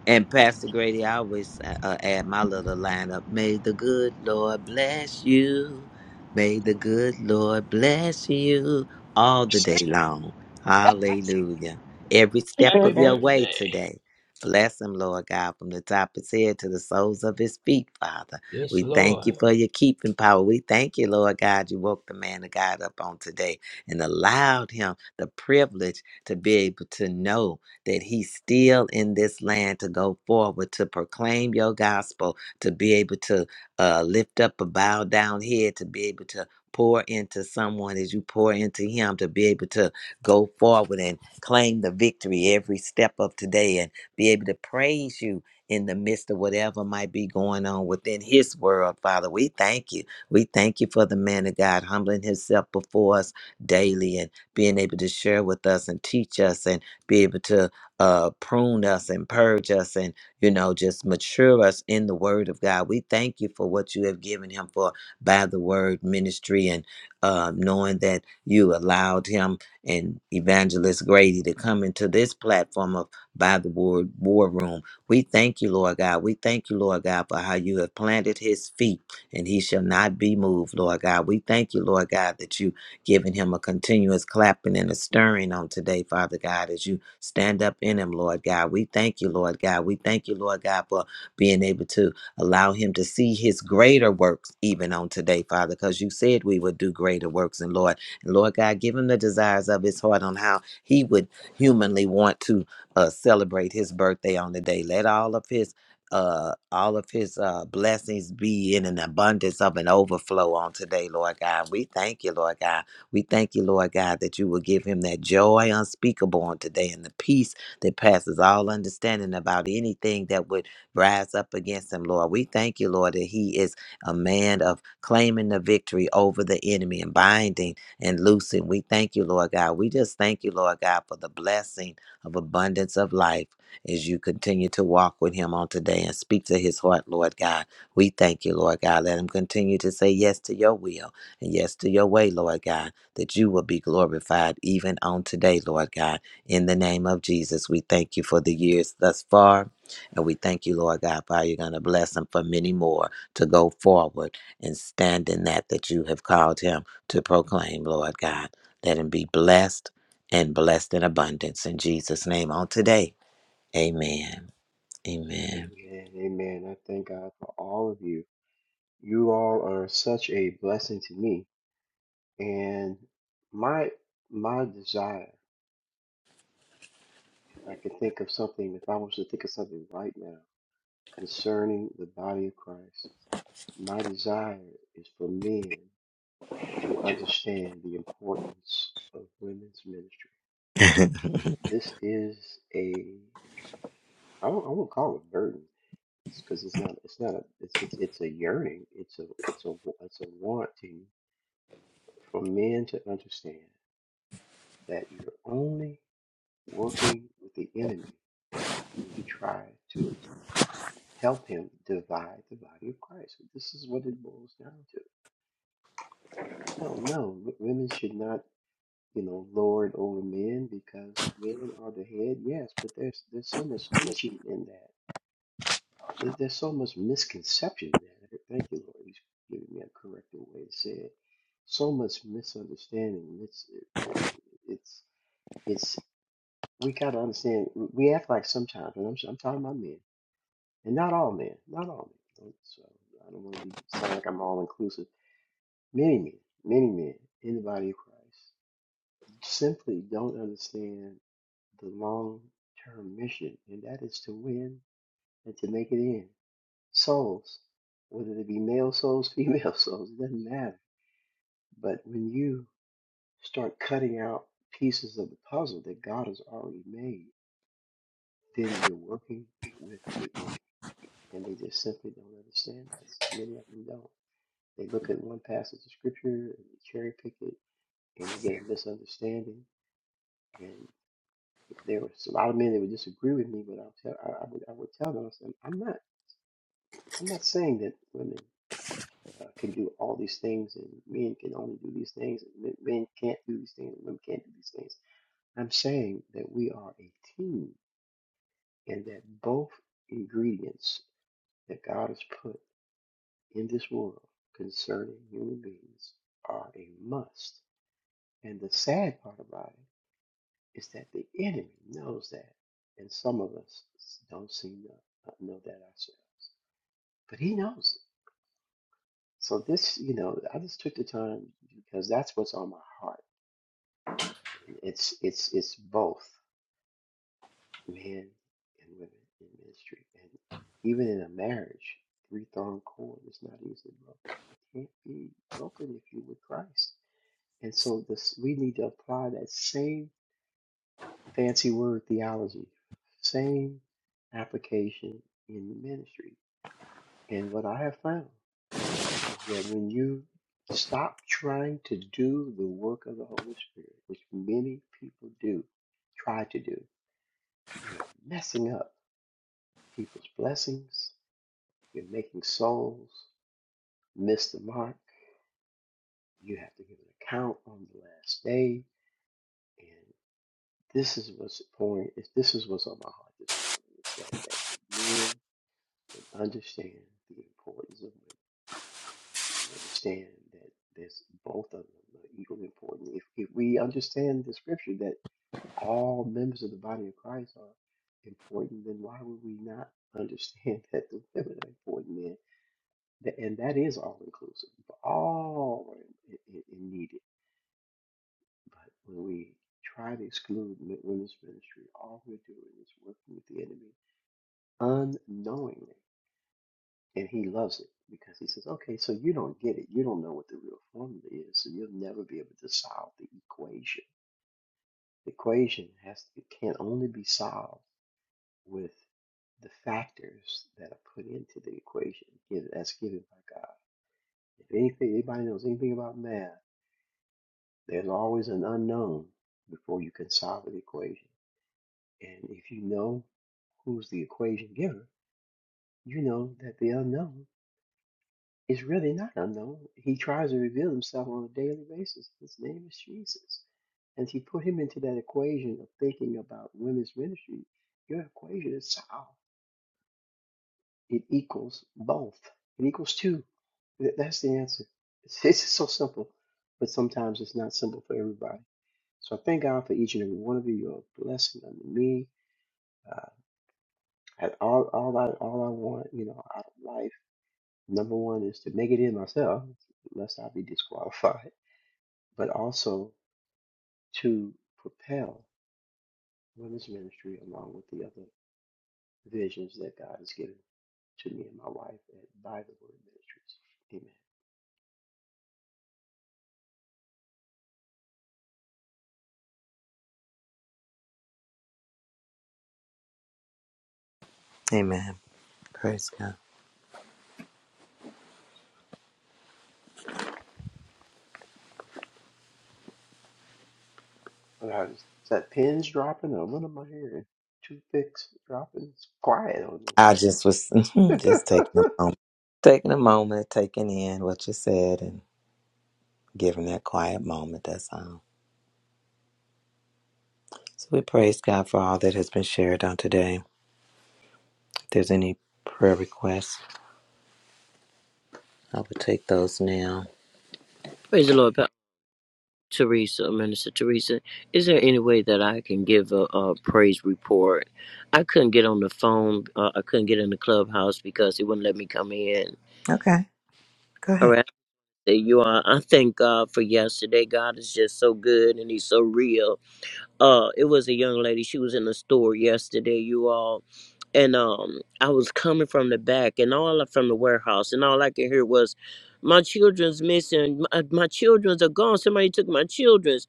Speaker 1: And Pastor Grady, I always uh, uh, add my little lineup. May the good Lord bless you. May the good Lord bless you all the day long. Hallelujah. Every step
Speaker 14: Happy
Speaker 1: of your way
Speaker 14: birthday.
Speaker 1: today. Bless him, Lord God, from the top of his head to the soles of his feet, Father.
Speaker 14: Yes,
Speaker 1: We thank
Speaker 14: Lord.
Speaker 1: you for your keeping power. We thank you, Lord God, you woke the man of God up on today and allowed him the privilege to be able to know that he's still in this land to go forward, to proclaim your gospel, to be able to uh, lift up a bowed down head, to be able to pour into someone as you pour into him, to be able to go forward and claim the victory every step of today and be able to praise you in the midst of whatever might be going on within his world, Father. We thank you. We thank you for the man of God humbling himself before us daily and being able to share with us and teach us and be able to uh, prune us and purge us and, you know, just mature us in the word of God. We thank you for what you have given him for by the word ministry and uh, knowing that you allowed him and Evangelist Grady to come into this platform of by the word war room. We thank you, Lord God. We thank you, Lord God, for how you have planted his feet and he shall not be moved, Lord God. We thank you, Lord God, that you giving him a continuous clapping and a stirring on today, Father God, as you stand up in him, Lord God. We thank you, Lord God. We thank you, Lord God, for being able to allow him to see his greater works even on today, Father, because you said we would do greater works. And Lord, and Lord God, give him the desires of his heart on how he would humanly want to uh, celebrate his birthday on the day. Let all of his uh all of his uh blessings be in an abundance of an overflow on today lord god we thank you lord god we thank you, Lord God, that you will give him that joy unspeakable on today and the peace that passes all understanding about anything that would rise up against him, Lord. We thank you, Lord, that he is a man of claiming the victory over the enemy and binding and loosing. We thank you, Lord God. We just thank you, Lord God, for the blessing of abundance of life as you continue to walk with him on today and speak to his heart, Lord God. We thank you, Lord God. Let him continue to say yes to your will and yes to your way, Lord God that you will be glorified even on today, Lord God. In the name of Jesus, we thank you for the years thus far. And we thank you, Lord God, for how you're going to bless him for many more to go forward and stand in that that you have called him to proclaim, Lord God. Let him be blessed and blessed in abundance. In Jesus' name on today, amen. Amen.
Speaker 15: Amen. Amen. I thank God for all of you. You all are such a blessing to me. And my my desire, if I could think of something, if I was to think of something right now concerning the body of Christ, my desire is for men to understand the importance of women's ministry. This is a I won't I won't call it burden It's because it's not. It's not. A, it's, it's it's a yearning. It's a it's a it's a wanting for men to understand that you're only working with the enemy when you try to help him divide the body of Christ. This is what it boils down to. No, no, w- women should not, you know, lord over men because men are the head. Yes, but there's there's so much teaching in that Uh, there- there's so much misconception man. Thank you, Lord. He's giving me a corrective way to say it. So much misunderstanding. It's it, it's it's we got to understand. We act like sometimes, and I'm I'm talking about men, and not all men, not all men. Don't- So I don't want to be sound like I'm all inclusive. Many men, many men in the body of Christ simply don't understand the long term mission, and that is to win and to make it in. souls, whether they be male souls, female souls, it doesn't matter. But when you start cutting out pieces of the puzzle that God has already made, then you're working with the enemy. And they just simply don't understand this. Many of them don't. They look at one passage of scripture and they cherry pick it and they get a misunderstanding. And there was a lot of men that would disagree with me, but I'll tell, I, I, would, I would tell them, I said, I'm not, I'm not saying that women uh, can do all these things, and men can only do these things, and men men can't do these things, and women can't do these things. I'm saying that we are a team, and that both ingredients that God has put in this world concerning human beings are a must. And the sad part about it is that the enemy knows that, and some of us don't seem to uh, know that ourselves. But he knows it. So this, you know, I just took the time because that's what's on my heart And it's it's it's both men and women in ministry, and even in a marriage, three thorn cord is not easily broken. It can't be broken if you're with Christ. And so this we need to apply that same fancy word theology, same application in the ministry. And what I have found is that when you stop trying to do the work of the Holy Spirit, which many people do, try to do, You're messing up people's blessings. You're making souls miss the mark. You have to give an account on the last day. And this is what's pouring. If this is what's on my heart this morning, is that that the men would understand the importance of women and understand that there's both of them are equally important. If, if we understand the scripture that all members of the body of Christ are important, then why would we not understand that the women are important men? Th- and that is all inclusive. All are i- i- i- needed. But when we try to exclude mi- women's ministry, all we're doing is working with the enemy unknowingly. And he loves it because he says, okay, so you don't get it. You don't know what the real formula is. So you'll never be able to solve the equation. The equation has it can only be solved with the factors that are put into the equation given- that's given by God. If anything, anybody knows anything about math, There's always an unknown before you can solve an equation. And if you know who's the equation giver, you know that the unknown is really not unknown. He tries to reveal himself on a daily basis. His name is Jesus. And if you put him into that equation of thinking about women's ministry, your equation is solved. It equals both. It equals two. That's the answer. It's, it's so simple, but sometimes it's not simple for everybody. So I thank God for each and every one of you. You're a blessing unto me. Uh, and all, all I, all I want, you know, out of life, number one is to make it in myself, lest I be disqualified, but also to propel women's ministry along with the other visions that God has given to me and my wife at by the Word Ministries. Amen.
Speaker 1: amen. Praise God.
Speaker 15: But I was, is that pins dropping or what am I hearing? toothpicks dropping. It's quiet on
Speaker 1: I
Speaker 15: me.
Speaker 1: just was just taking a moment, taking a moment, taking in what you said, and giving that quiet moment. That's all. So we praise God for all that has been shared on today. If there's any prayer requests, I will take those now.
Speaker 16: Praise the Lord, Pa- Teresa, Minister Teresa. Is there any way that I can give a, a praise report? I couldn't get on the phone. Uh, I couldn't get in the clubhouse because it wouldn't let me come in.
Speaker 1: Okay, go
Speaker 16: All
Speaker 1: ahead.
Speaker 16: right. There you are. I thank God for yesterday. God is just so good and He's so real. uh it was a young lady she was in the store yesterday you all and um i was coming from the back and all from the warehouse and all i could hear was my children's missing my, my children's are gone somebody took my children's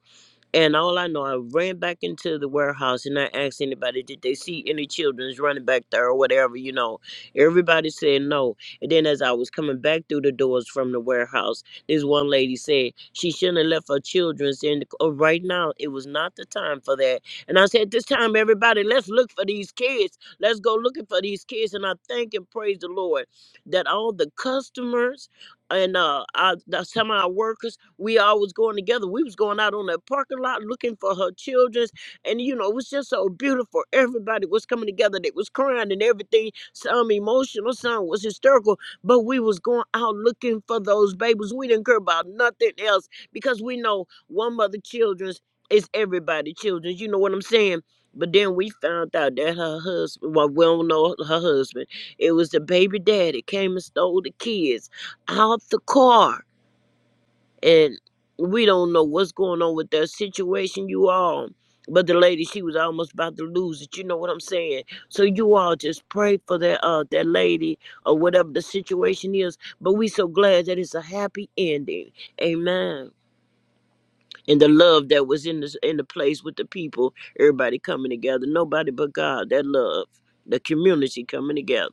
Speaker 16: and all I know, I ran back into the warehouse and I asked anybody, did they see any children's running back there or whatever, you know. Everybody said no. And then as I was coming back through the doors from the warehouse, this one lady said she shouldn't have left her children's in the, oh, right now. It was not the time for that. And I said, this time, everybody, let's look for these kids. Let's go looking for these kids. And I thank and praise the Lord that all the customers and uh I, the, some of our workers we always going together we was going out on the parking lot looking for her children and you know it was just so beautiful everybody was coming together they was crying and everything some emotional some was hysterical but we was going out looking for those babies we didn't care about nothing else because we know one mother children's is everybody children's you know what i'm saying but then we found out that her husband well we don't know her husband it was the baby daddy came and stole the kids out the car and we don't know what's going on with that situation you all but the lady she was almost about to lose it you know what i'm saying so you all just pray for that uh that lady or whatever the situation is but we so glad that it's a happy ending amen and the love that was in the in the place with the people everybody coming together nobody but god that love the community coming together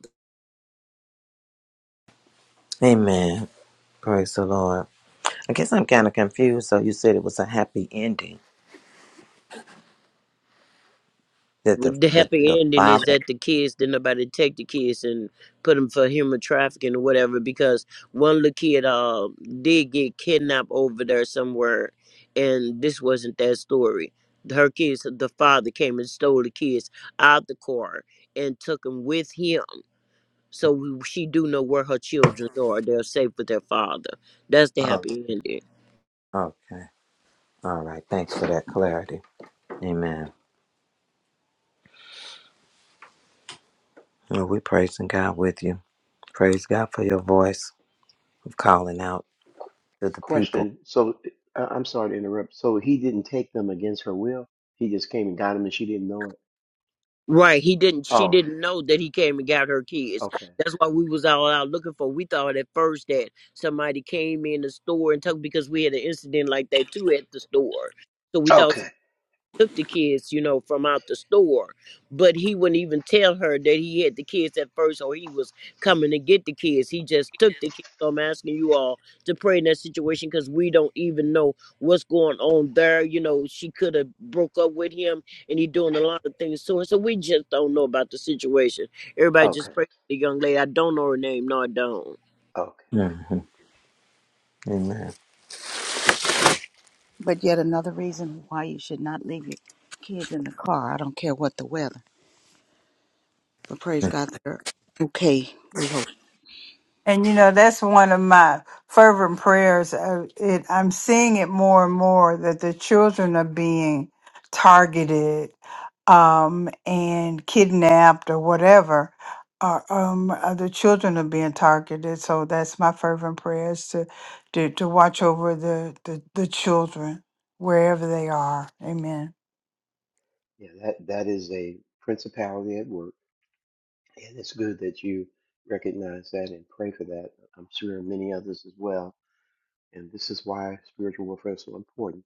Speaker 1: Amen. Praise the Lord. I guess I'm kind of confused. So you said it was a happy ending that
Speaker 16: Well,
Speaker 1: the
Speaker 16: the
Speaker 1: the the
Speaker 16: happy ending
Speaker 1: father.
Speaker 16: is that the kids did nobody take the kids and put them for human trafficking or whatever because one little kid uh did get kidnapped over there somewhere and this wasn't that story her kids the father came and stole the kids out the car and took them with him so we, she do know where her children are they're safe with their father that's the
Speaker 1: Oh,
Speaker 16: happy ending
Speaker 1: okay. All right. Thanks for that clarity. Amen. Well, we praising God with you. Praise God for your voice. calling out to the people.
Speaker 15: Question. So uh, I'm sorry to interrupt. So he didn't take them against her will. He just came and got them, and she didn't know it.
Speaker 16: Right. He didn't she
Speaker 15: Oh,
Speaker 16: didn't know that he came and got her kids.
Speaker 15: okay,
Speaker 16: That's why we was all out looking for. We thought at first that somebody came in the store and took because we had an incident like that too at the store. So we thought
Speaker 15: Okay.
Speaker 16: took the kids, you know, from out the store. But he wouldn't even tell her that he had the kids at first or he was coming to get the kids. He just took the kids. So I'm asking you all to pray in that situation because we don't even know what's going on there. You know, she could have broke up with him and he doing a lot of things to her. So we just don't know about the situation. Everybody
Speaker 15: okay,
Speaker 16: just pray for the young lady. I don't know her name. No, I don't.
Speaker 15: okay.
Speaker 1: hmm
Speaker 15: Amen.
Speaker 1: Amen.
Speaker 2: But yet another reason why you should not leave your kids in the car. I don't care what the weather. But praise God, they're okay. We hope
Speaker 8: And you know, that's one of my fervent prayers. Uh, It, I'm seeing it more and more that the children are being targeted um, and kidnapped or whatever. Uh, um, uh, the children are being targeted, so that's my fervent prayers to to, to watch over the, the the children wherever they are. Amen.
Speaker 15: Yeah, that that is a principality at work, and it's good that you recognize that and pray for that. I'm sure many others as well. And this is why spiritual warfare is so important.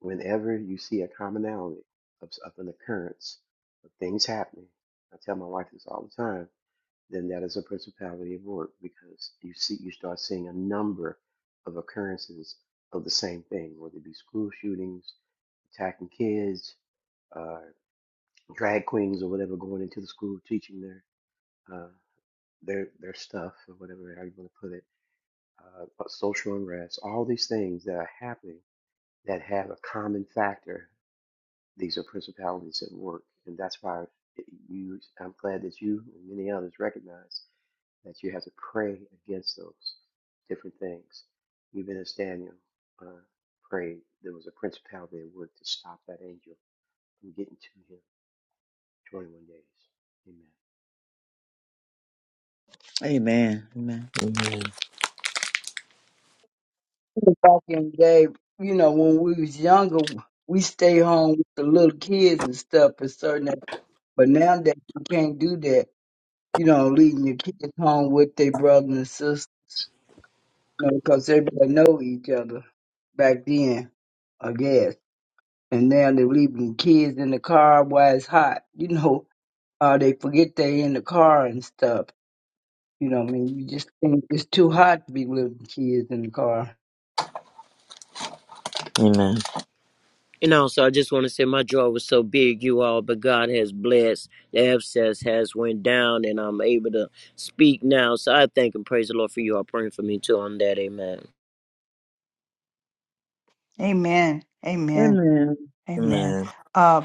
Speaker 15: Whenever you see a commonality of, of an occurrence of things happening, I tell my wife this all the time. then that is a principality of work because you see you start seeing a number of occurrences of the same thing, whether it be school shootings, attacking kids, uh, drag queens or whatever going into the school teaching their uh, their their stuff or whatever how you want to put it, uh, but social unrest, all these things that are happening that have a common factor. These are principalities at work, and that's why it- you. I'm glad that you and many others recognize that you have to pray against those different things. Even as Daniel uh, prayed, there was a principality that worked to stop that angel from getting to him. 21 days.
Speaker 4: Amen. Amen.
Speaker 1: Amen.
Speaker 9: back in the day, you know, when we was younger, we stay home with the little kids and stuff for certain. But nowadays, you can't do that. You know, leaving your kids home with their brother and sister, you know, because everybody know each other back then, I guess. And now they're leaving kids in the car while it's hot. You know, uh, they forget they in the car and stuff. You know, what I mean, you just think it's too hot to be leaving kids in the car.
Speaker 1: Amen.
Speaker 16: And also, I just want to say my joy was so big, you all, but God has blessed. The abscess has went down, and I'm able to speak now. So I thank and praise the Lord for you all praying for me too on that. Amen.
Speaker 8: Amen. Amen.
Speaker 4: Amen.
Speaker 8: Amen.
Speaker 1: Amen.
Speaker 8: Uh,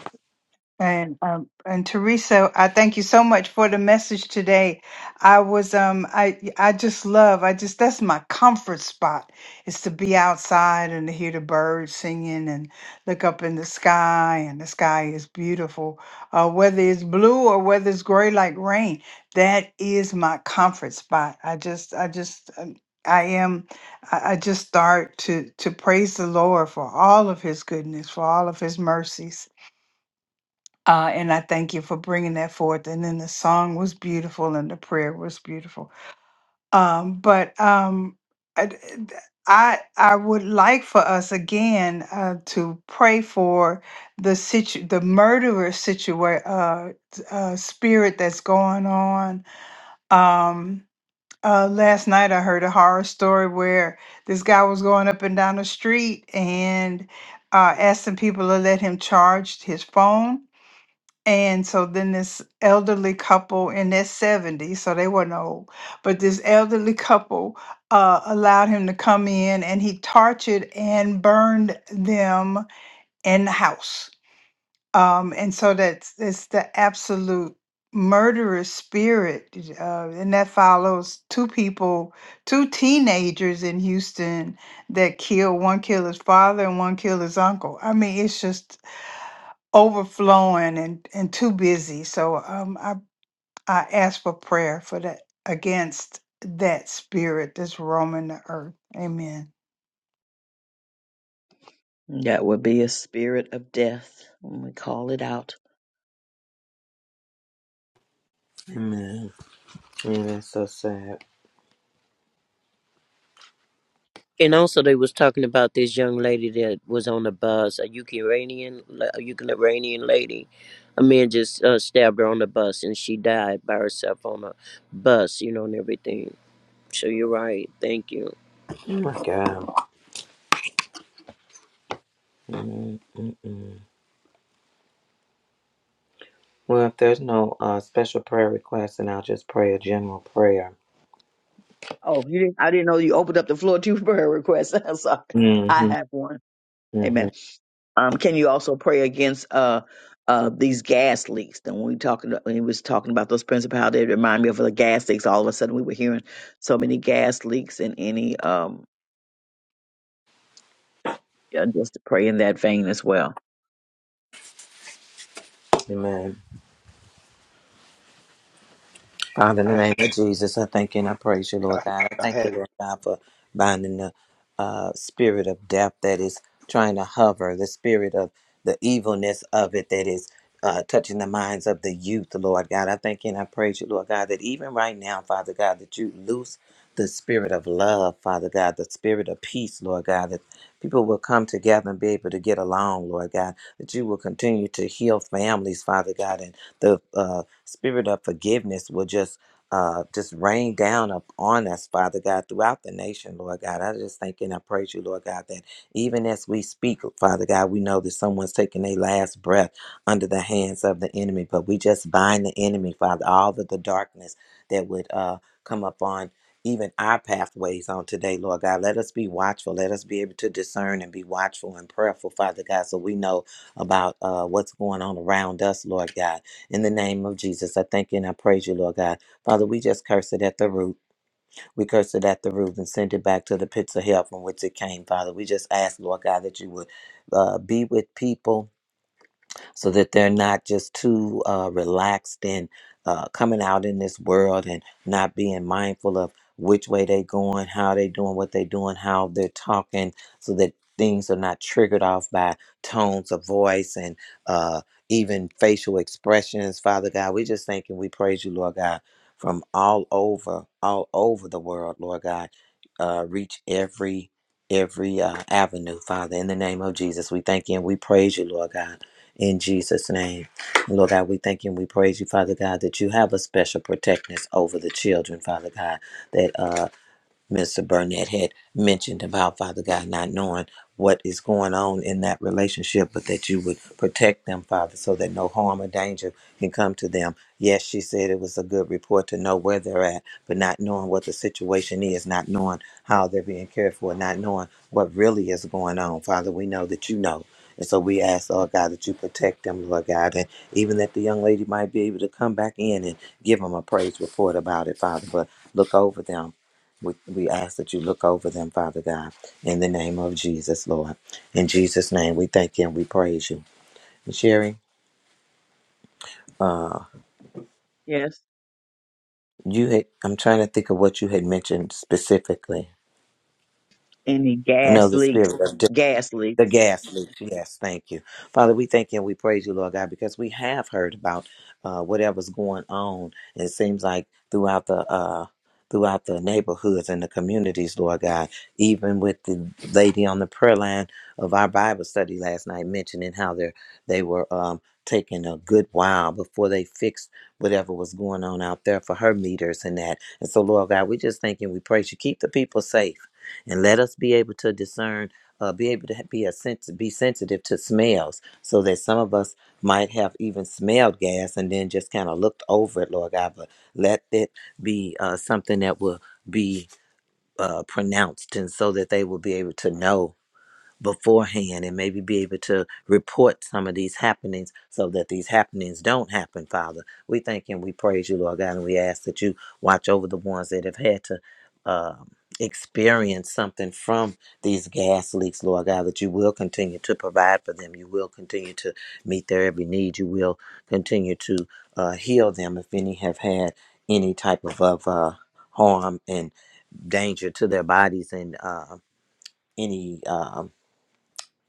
Speaker 8: And um, and Teresa, I thank you so much for the message today. I was um I I just love I just that's my comfort spot is to be outside and to hear the birds singing and look up in the sky and the sky is beautiful. Uh, whether it's blue or whether it's gray like rain, that is my comfort spot. I just I just um, I am I I just start to to praise the Lord for all of His goodness, for all of His mercies uh, and I thank you for bringing that forth. And then the song was beautiful, and the prayer was beautiful. Um, but um, I, d- d- I I would like for us again uh, to pray for the situ the murderer situation uh, t- uh, spirit that's going on. Um, uh, last night I heard a horror story where this guy was going up and down the street and uh, asking people to let him charge his phone and so then this elderly couple in their 70s, so they weren't old, but this elderly couple uh, allowed him to come in and he tortured and burned them in the house. Um, and so that's it's the absolute murderous spirit. Uh, and that follows two people, two teenagers in Houston that killed one killed his father and one killed his uncle. I mean, it's just overflowing and, and too busy. So um, I, I ask for prayer for that against that spirit that's roaming the earth. Amen.
Speaker 4: That would be a spirit of death when we call it out.
Speaker 1: Amen. Yeah, that's so sad.
Speaker 16: And also, they was talking about this young lady that was on the bus, a Ukrainian, a Ukrainian lady. A man just uh, stabbed her on the bus, and she died by herself on a bus, you know, and everything. So you're right. Thank you.
Speaker 1: Oh my God. mm mm mm. Well, if there's no uh, special prayer request, then I'll just pray a general prayer.
Speaker 4: Oh, you didn't, I didn't know you opened up the floor to prayer requests. I'm sorry. I
Speaker 1: Mm-hmm.
Speaker 4: have one.
Speaker 1: Mm-hmm.
Speaker 4: Amen. Um, can you also pray against uh, uh, these gas leaks? And when we talking, when he was talking about those principalities, it reminded me of the gas leaks. All of a sudden, we were hearing so many gas leaks, and any um, yeah, just to pray in that vein as well.
Speaker 1: Amen. Father, in the
Speaker 15: Amen.
Speaker 1: name of Jesus, I thank you and I praise you,
Speaker 15: I
Speaker 1: Lord
Speaker 15: I,
Speaker 1: God. I
Speaker 15: I
Speaker 1: thank you,
Speaker 15: had
Speaker 1: Lord God, for binding the uh, spirit of death that is trying to hover, the spirit of the evilness of it that is uh, touching the minds of the youth, Lord God. I thank you and I praise you, Lord God, that even right now, Father God, that you loose the spirit of love, Father God, the spirit of peace, Lord God, that people will come together and be able to get along, Lord God, that you will continue to heal families, Father God, and the uh, spirit of forgiveness will just uh, just rain down upon us, Father God, throughout the nation, Lord God. I just thank and I praise you, Lord God, that even as we speak, Father God, we know that someone's taking their last breath under the hands of the enemy, but we just bind the enemy, Father, all of the darkness that would uh, come upon even our pathways on today, Lord God. Let us be watchful. Let us be able to discern and be watchful and prayerful, Father God, so we know about uh, what's going on around us, Lord God. In the name of Jesus, I thank you and I praise you, Lord God. Father, we just curse it at the root. We curse it at the root and send it back to the pits of hell from which it came, Father. We just ask, Lord God, that you would uh, be with people so that they're not just too uh, relaxed and uh, coming out in this world and not being mindful of which way they going, how they doing, what they doing, how they're talking, so that things are not triggered off by tones of voice and uh, even facial expressions. Father God, we just thank and we praise you, Lord God, from all over, all over the world, Lord God. Uh, reach every every uh, avenue, Father. In the name of Jesus, we thank you and we praise you, Lord God in Jesus' name. Lord God, we thank you and we praise you, Father God, that you have a special protectness over the children, Father God, that uh, Mr. Burnett had mentioned about Father God not knowing what is going on in that relationship, but that you would protect them, Father, so that no harm or danger can come to them. Yes, she said it was a good report to know where they're at, but not knowing what the situation is, not knowing how they're being cared for, not knowing what really is going on. Father, we know that you know. And so we ask, Lord God, that you protect them, Lord God, and even that the young lady might be able to come back in and give them a praise report about it, Father. But look over them we, we ask that you look over them, Father God, in the name of Jesus, Lord. In Jesus' name, we thank you and we praise you. Sherry, uh,
Speaker 4: Yes.
Speaker 1: you had, I'm trying to think of what you had mentioned specifically.
Speaker 4: Any
Speaker 1: I know
Speaker 4: gas
Speaker 1: the
Speaker 4: leaks?
Speaker 1: spirit of
Speaker 4: Gas
Speaker 1: The
Speaker 4: leaks.
Speaker 1: gas leaks. Yes, thank you. Father, we thank you and we praise you, Lord God, because we have heard about uh, whatever's going on. It seems like throughout the uh, throughout the neighborhoods and the communities, Lord God, even with the lady on the prayer line of our Bible study last night mentioning how they they were um, taking a good while before they fixed whatever was going on out there for her meters and that. And so, Lord God, we just thank you and we praise you. Keep the people safe and let us be able to discern uh, be able to ha- be a sens- be sensitive to smells, so that some of us might have even smelled gas and then just kind of looked over it, Lord God. But let it be uh, something that will be uh, pronounced, and so that they will be able to know beforehand and maybe be able to report some of these happenings so that these happenings don't happen, Father. We thank and we praise you, Lord God, and we ask that you watch over the ones that have had to um experience something from these gas leaks, Lord God, that you will continue to provide for them. You will continue to meet their every need. You will continue to uh, heal them if any have had any type of, of uh, harm and danger to their bodies and uh, any. um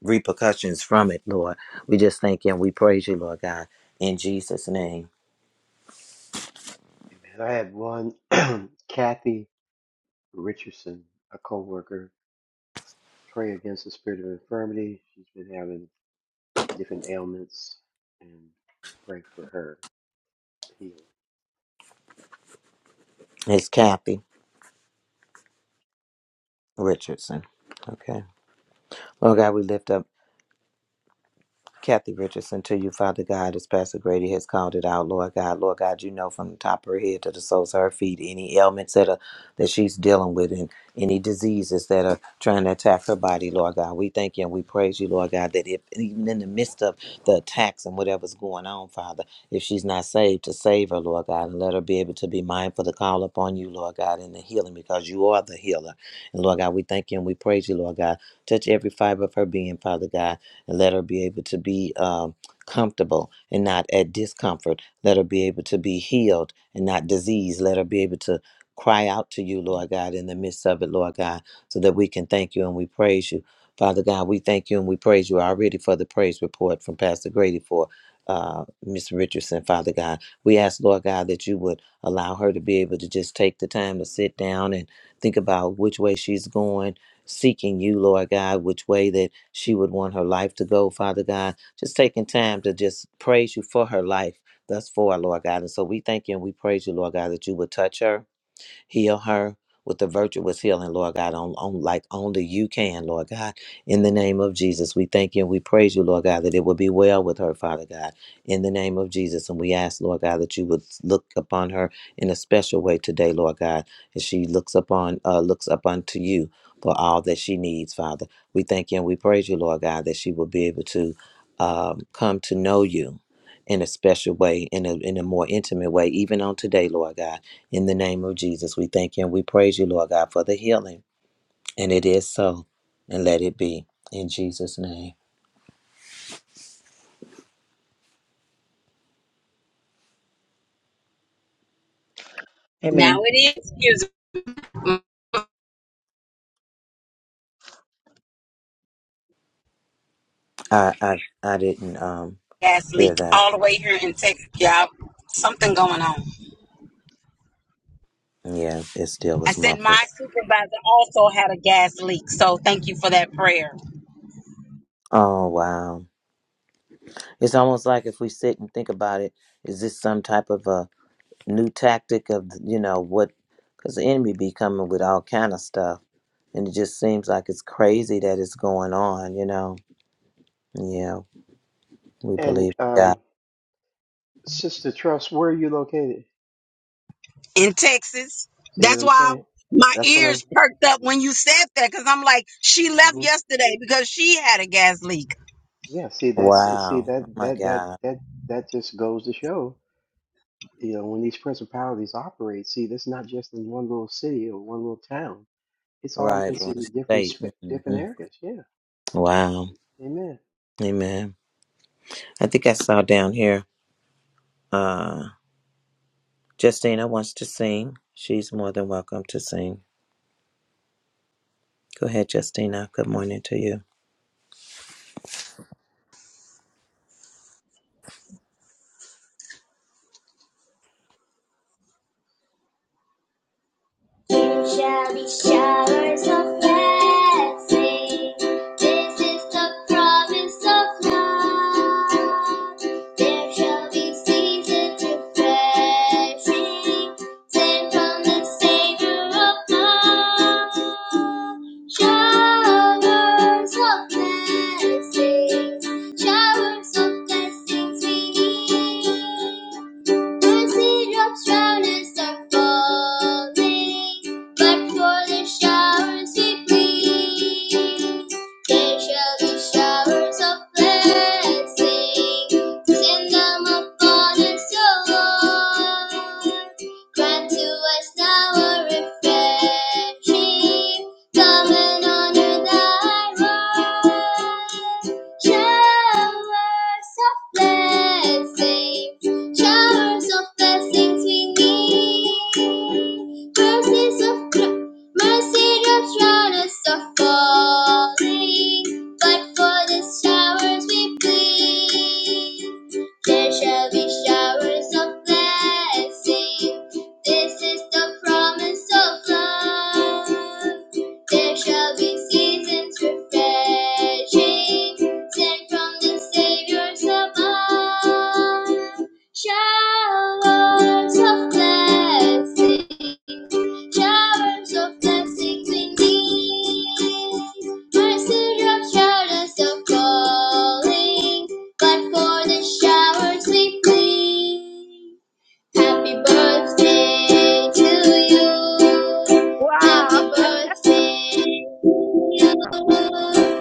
Speaker 1: repercussions from it, Lord. We just thank you and we praise you, Lord God, in Jesus' name.
Speaker 15: amen. I had one Kathy Richardson, a coworker, pray against the spirit of infirmity. She's been having different ailments, and pray for her healing.
Speaker 1: It's Kathy Richardson. Okay. Lord God, we lift up Kathy Richardson to you, Father God, as Pastor Grady has called it out, Lord God. Lord God, you know from the top of her head to the soles of her feet any ailments that are that she's dealing with and any diseases that are trying to attack her body, Lord God. We thank you and we praise you, Lord God, that if even in the midst of the attacks and whatever's going on, Father, if she's not saved, to save her, Lord God, and let her be able to be mindful to call upon you, Lord God, in the healing because you are the healer. And Lord God, we thank you and we praise you, Lord God. Touch every fiber of her being, Father God and let her be able to be um, comfortable and not at discomfort. Let her be able to be healed and not diseased. Let her be able to cry out to you, Lord God, in the midst of it, Lord God, so that we can thank you and we praise you. Father God, we thank you and we praise you already for the praise report from Pastor Grady for uh, Miss Richardson, Father God. We ask, Lord God, that you would allow her to be able to just take the time to sit down and think about which way she's going seeking you, Lord God, which way that she would want her life to go, Father God. Just taking time to just praise you for her life thus far, Lord God. And so we thank you and we praise you, Lord God, that you would touch her Heal her with the virtuous healing, Lord God, on, on like only you can, Lord God. In the name of Jesus, we thank you and we praise you, Lord God, that it will be well with her, Father God. In the name of Jesus, and we ask, Lord God, that you would look upon her in a special way today, Lord God, as she looks upon uh, looks up unto you for all that she needs, Father. We thank you and we praise you, Lord God, that she will be able to um, come to know you in a special way, in a in a more intimate way, even on today, Lord God. In the name of Jesus, we thank you and we praise you, Lord God, for the healing. And it is so. And let it be. In Jesus' name.
Speaker 12: Now
Speaker 4: Amen.
Speaker 12: it is. Here's my
Speaker 1: I I, I didn't um
Speaker 12: gas
Speaker 1: hear
Speaker 12: leak
Speaker 1: that.
Speaker 12: all the way here in Texas, y'all. Something going on.
Speaker 1: Yeah, it still
Speaker 12: I
Speaker 1: was
Speaker 12: said my
Speaker 1: muffled.
Speaker 12: supervisor also had a gas leak, so thank you for that prayer.
Speaker 1: Oh wow. It's almost like if we sit and think about it, is this some type of a new tactic of you know what because the enemy be coming with all kind of stuff. And it just seems like it's crazy that it's going on, you know. Yeah, we
Speaker 15: And
Speaker 1: believe God.
Speaker 15: um, Sister Trust, where are you located?
Speaker 12: in Texas.
Speaker 15: See what
Speaker 12: That's
Speaker 15: I'm
Speaker 12: why
Speaker 15: saying?
Speaker 12: my
Speaker 15: That's what I'm.
Speaker 12: ears perked up when you said that because I'm like, she left
Speaker 15: hmm
Speaker 12: yesterday because she had a gas leak.
Speaker 15: Yeah. See, that's see
Speaker 1: Wow. Oh
Speaker 15: that
Speaker 1: my
Speaker 15: that that
Speaker 1: God.
Speaker 15: that that just goes to show, you know, when these principalities operate. See, that's not just in one little city or one little town. It's all
Speaker 1: Right,
Speaker 15: it's
Speaker 1: one
Speaker 15: in different
Speaker 1: state.
Speaker 15: sp- different
Speaker 1: hmm
Speaker 15: areas. Yeah.
Speaker 1: Wow.
Speaker 15: Amen.
Speaker 1: Amen. I think I saw down here uh, Justina wants to sing. She's more than welcome to sing. Go ahead, Justina. Good morning to you.
Speaker 18: There shall be showers of blessing. This is the promise of love. There shall be seasons refreshing, sent from the Savior above. Showers of blessings, showers of blessings we need. Mercy drops drown as are falling, but for the showers we plead. There shall be showers of blessing, send them upon us, O Lord. Grant to us now a refreshing, come and honor thy word. Showers of blessing showers of blessings we need. Mercies of Chr- mercy drops round us are falling, but for the showers we plead, there shall be showers of blessing. This is the promise of love. There shall be seasons refreshing, sent from the Savior's above. Showers of blessings, showers of blessings indeed. Mercy shout us of calling, but for the showers we plead. Happy birthday to you. Happy
Speaker 4: Wow!
Speaker 18: birthday to you. Happy birthday,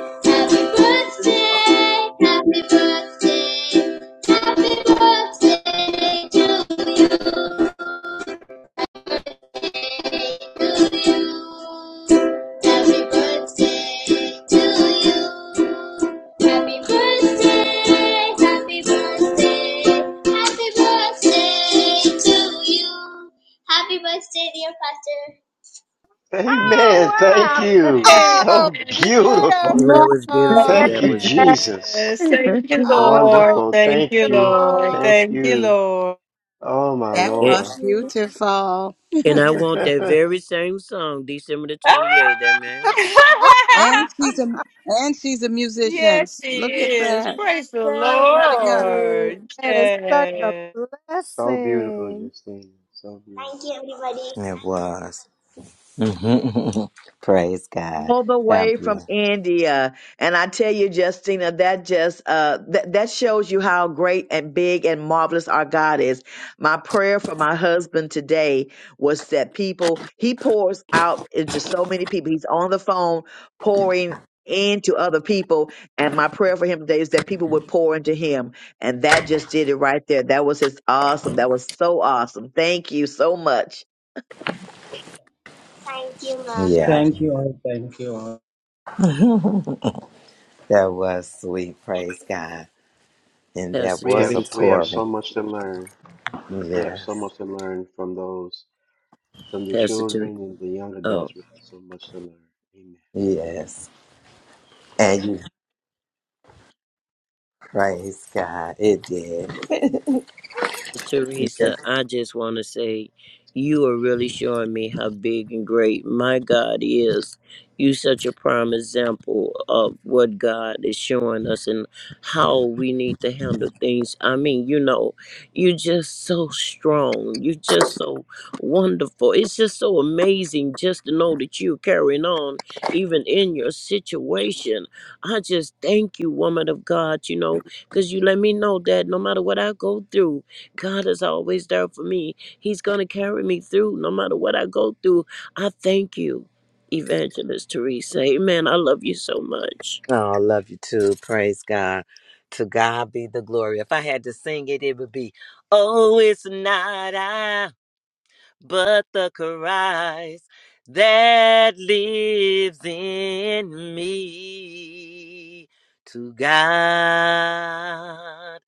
Speaker 18: happy birthday, happy birthday to you. Happy birthday, dear Pastor.
Speaker 15: Amen. Thank
Speaker 4: Oh,
Speaker 15: you.
Speaker 8: Amen.
Speaker 3: Oh,
Speaker 15: So beautiful.
Speaker 16: Well, that
Speaker 9: No.
Speaker 3: beautiful.
Speaker 16: was
Speaker 4: wow!
Speaker 16: beautiful.
Speaker 3: Oh,
Speaker 15: Thank
Speaker 16: That
Speaker 15: you,
Speaker 16: was beautiful.
Speaker 15: Jesus.
Speaker 8: Yes. Thank you, Lord.
Speaker 3: how
Speaker 15: Wonderful.
Speaker 8: Thank
Speaker 15: Thank
Speaker 8: you,
Speaker 15: you.
Speaker 8: Lord.
Speaker 3: wonderful.
Speaker 15: Thank
Speaker 8: Thank you,
Speaker 15: you.
Speaker 8: Lord.
Speaker 15: Oh my
Speaker 2: that
Speaker 3: Thank
Speaker 15: Lord.
Speaker 2: was
Speaker 3: you.
Speaker 2: beautiful.
Speaker 16: And I want that very same song, December the
Speaker 8: Ah!
Speaker 16: 28th. Amen.
Speaker 2: And she's a and she's a musician.
Speaker 8: yes, she
Speaker 2: Look at
Speaker 8: is.
Speaker 2: that.
Speaker 8: Praise the
Speaker 3: Thank
Speaker 2: Glory to God.
Speaker 3: you.
Speaker 8: Lord.
Speaker 3: That is such a
Speaker 8: Yes.
Speaker 15: so beautiful,
Speaker 3: blessing.
Speaker 15: Justine. So
Speaker 18: Thank
Speaker 15: beautiful.
Speaker 18: you, everybody.
Speaker 1: It was. hmm Praise God.
Speaker 4: all the
Speaker 1: God
Speaker 4: way from
Speaker 1: bless.
Speaker 4: India. And I tell you, Justina, that just uh that that shows you how great and big and marvelous our God is. My prayer for my husband today was that people he pours out into so many people. He's on the phone pouring into other people and my prayer for him today is that people would pour into him and that just did it right there that was just awesome that was so awesome thank you so much
Speaker 18: Thank you, Mom.
Speaker 1: Yeah.
Speaker 18: Thank you all. Thank you all.
Speaker 1: That was sweet. Praise God. And that
Speaker 16: Pastor
Speaker 15: We
Speaker 1: was
Speaker 15: have
Speaker 1: a
Speaker 15: we
Speaker 16: Teresa.
Speaker 15: have
Speaker 1: pouring.
Speaker 15: so much to learn. We have so
Speaker 1: Yes.
Speaker 15: much to learn from those, from the
Speaker 16: Pastor
Speaker 15: children
Speaker 16: Teresa.
Speaker 15: and the young
Speaker 16: oh.
Speaker 15: adults. We have so much to learn. Amen.
Speaker 1: Yes. And you praise God. It did.
Speaker 16: Teresa, I just want to say you are really showing me how big and great my God is. You such a prime example of what God is showing us and how we need to handle things. I mean, you know, you're just so strong. You're just so wonderful. It's just so amazing just to know that you're carrying on even in your situation. I just thank you, woman of God, you know, because you let me know that no matter what I go through, God is always there for me. He's going to carry me through no matter what I go through. I thank you, Evangelist Teresa. Amen. I love you so much.
Speaker 1: Oh, I love you too. Praise God. To God be the glory. If I had to sing it, it would be, Oh, it's not I, but the Christ that lives in me. To God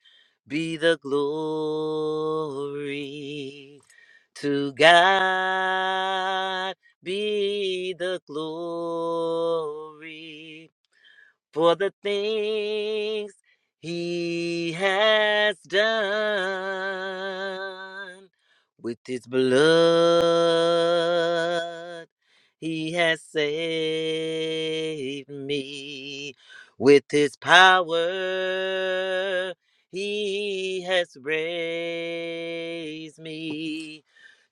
Speaker 1: be the glory. To God be the glory for the things he has done with his blood. He has saved me with his power. He has raised me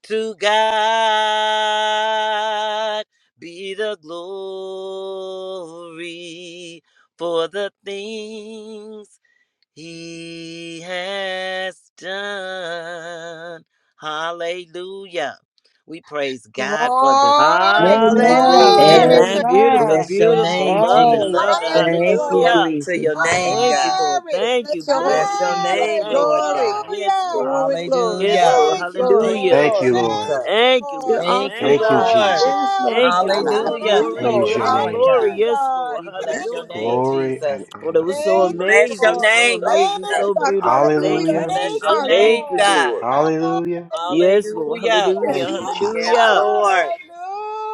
Speaker 1: to God be the glory for the things he has done. Hallelujah. We praise God for the
Speaker 3: Glory,
Speaker 1: Hallelujah.
Speaker 4: hallelujah
Speaker 3: glory to
Speaker 16: Amen.
Speaker 3: your
Speaker 16: Beautiful,
Speaker 1: Bless your
Speaker 3: name.
Speaker 16: beautiful.
Speaker 1: name,
Speaker 16: Love it,
Speaker 1: Jesus.
Speaker 9: All right.
Speaker 16: love it.
Speaker 3: Thank you,
Speaker 4: Thank you,
Speaker 3: Lord.
Speaker 2: Hallelujah.
Speaker 16: Hallelujah.
Speaker 1: Glory to
Speaker 4: Jesus.
Speaker 1: your name,
Speaker 4: God
Speaker 16: Thank you,
Speaker 1: God.
Speaker 16: Lord.
Speaker 3: Glory.
Speaker 16: Thank you.
Speaker 2: Bless your holy
Speaker 1: Bless
Speaker 16: Glory
Speaker 1: your
Speaker 2: name,
Speaker 16: be to your
Speaker 2: God.
Speaker 1: name,
Speaker 16: name,
Speaker 1: Lord
Speaker 2: Glory,
Speaker 16: Father.
Speaker 1: God.
Speaker 16: Yes,
Speaker 3: Hallelujah.
Speaker 16: Lord.
Speaker 2: glory, glory,
Speaker 16: Yes,
Speaker 1: Hallelujah.
Speaker 16: Lord.
Speaker 2: glory,
Speaker 3: Thank you,
Speaker 2: glory,
Speaker 1: Thank
Speaker 3: Lord.
Speaker 16: Hallelujah.
Speaker 1: you,
Speaker 15: Thank
Speaker 2: glory.
Speaker 15: you, Lord.
Speaker 3: Thank
Speaker 1: Jesus.
Speaker 3: you,
Speaker 16: Thank you,
Speaker 2: You're
Speaker 3: Lord.
Speaker 16: Lord.
Speaker 1: Thank you,
Speaker 2: awesome,
Speaker 16: Thank
Speaker 15: Thank you,
Speaker 16: you.
Speaker 2: God.
Speaker 1: Lord.
Speaker 2: Yes,
Speaker 15: Jesus.
Speaker 3: Hallelujah.
Speaker 2: Lord. It's
Speaker 16: Thank you,
Speaker 2: not I,
Speaker 16: Lord.
Speaker 2: but
Speaker 1: Hallelujah.
Speaker 2: you,
Speaker 16: Glory,
Speaker 1: Thank
Speaker 2: Lord.
Speaker 15: Praise
Speaker 1: you,
Speaker 15: your
Speaker 16: glory,
Speaker 3: Thank
Speaker 1: Lord
Speaker 15: name.
Speaker 2: Hallelujah.
Speaker 16: glory.
Speaker 3: you,
Speaker 1: God.
Speaker 16: Yes,
Speaker 3: God.
Speaker 16: Lord.
Speaker 1: We
Speaker 2: Bless
Speaker 1: bless
Speaker 3: Thank
Speaker 1: your
Speaker 2: your
Speaker 16: Hallelujah.
Speaker 2: holy
Speaker 1: name,
Speaker 3: you.
Speaker 15: Glory
Speaker 1: Jesus.
Speaker 15: and
Speaker 16: Lord, it
Speaker 15: honor
Speaker 16: was
Speaker 15: unto
Speaker 16: so
Speaker 1: We
Speaker 3: Thank
Speaker 15: you,
Speaker 3: you,
Speaker 15: Lord.
Speaker 1: bless your
Speaker 16: amazing,
Speaker 3: Lord.
Speaker 16: so
Speaker 1: name, Jesus.
Speaker 16: amazing,
Speaker 3: Thank
Speaker 2: name.
Speaker 16: so
Speaker 2: Bless
Speaker 3: you.
Speaker 2: your name, God. Hallelujah.
Speaker 16: beautiful. Thank you,
Speaker 15: Hallelujah.
Speaker 1: Bless
Speaker 3: Thank
Speaker 16: Jesus.
Speaker 1: your
Speaker 3: you,
Speaker 16: Thank
Speaker 1: name,
Speaker 16: you,
Speaker 3: Lord.
Speaker 2: Hallelujah.
Speaker 1: God.
Speaker 16: Lord.
Speaker 15: Hallelujah.
Speaker 3: Hallelujah.
Speaker 16: Yes, Lord.
Speaker 1: Hallelujah.
Speaker 2: Yes,
Speaker 16: Hallelujah.
Speaker 15: Thank
Speaker 2: you
Speaker 15: you,
Speaker 2: are.
Speaker 1: Yes,
Speaker 16: Hallelujah.
Speaker 15: Jesus.
Speaker 2: Hallelujah.
Speaker 1: Lord.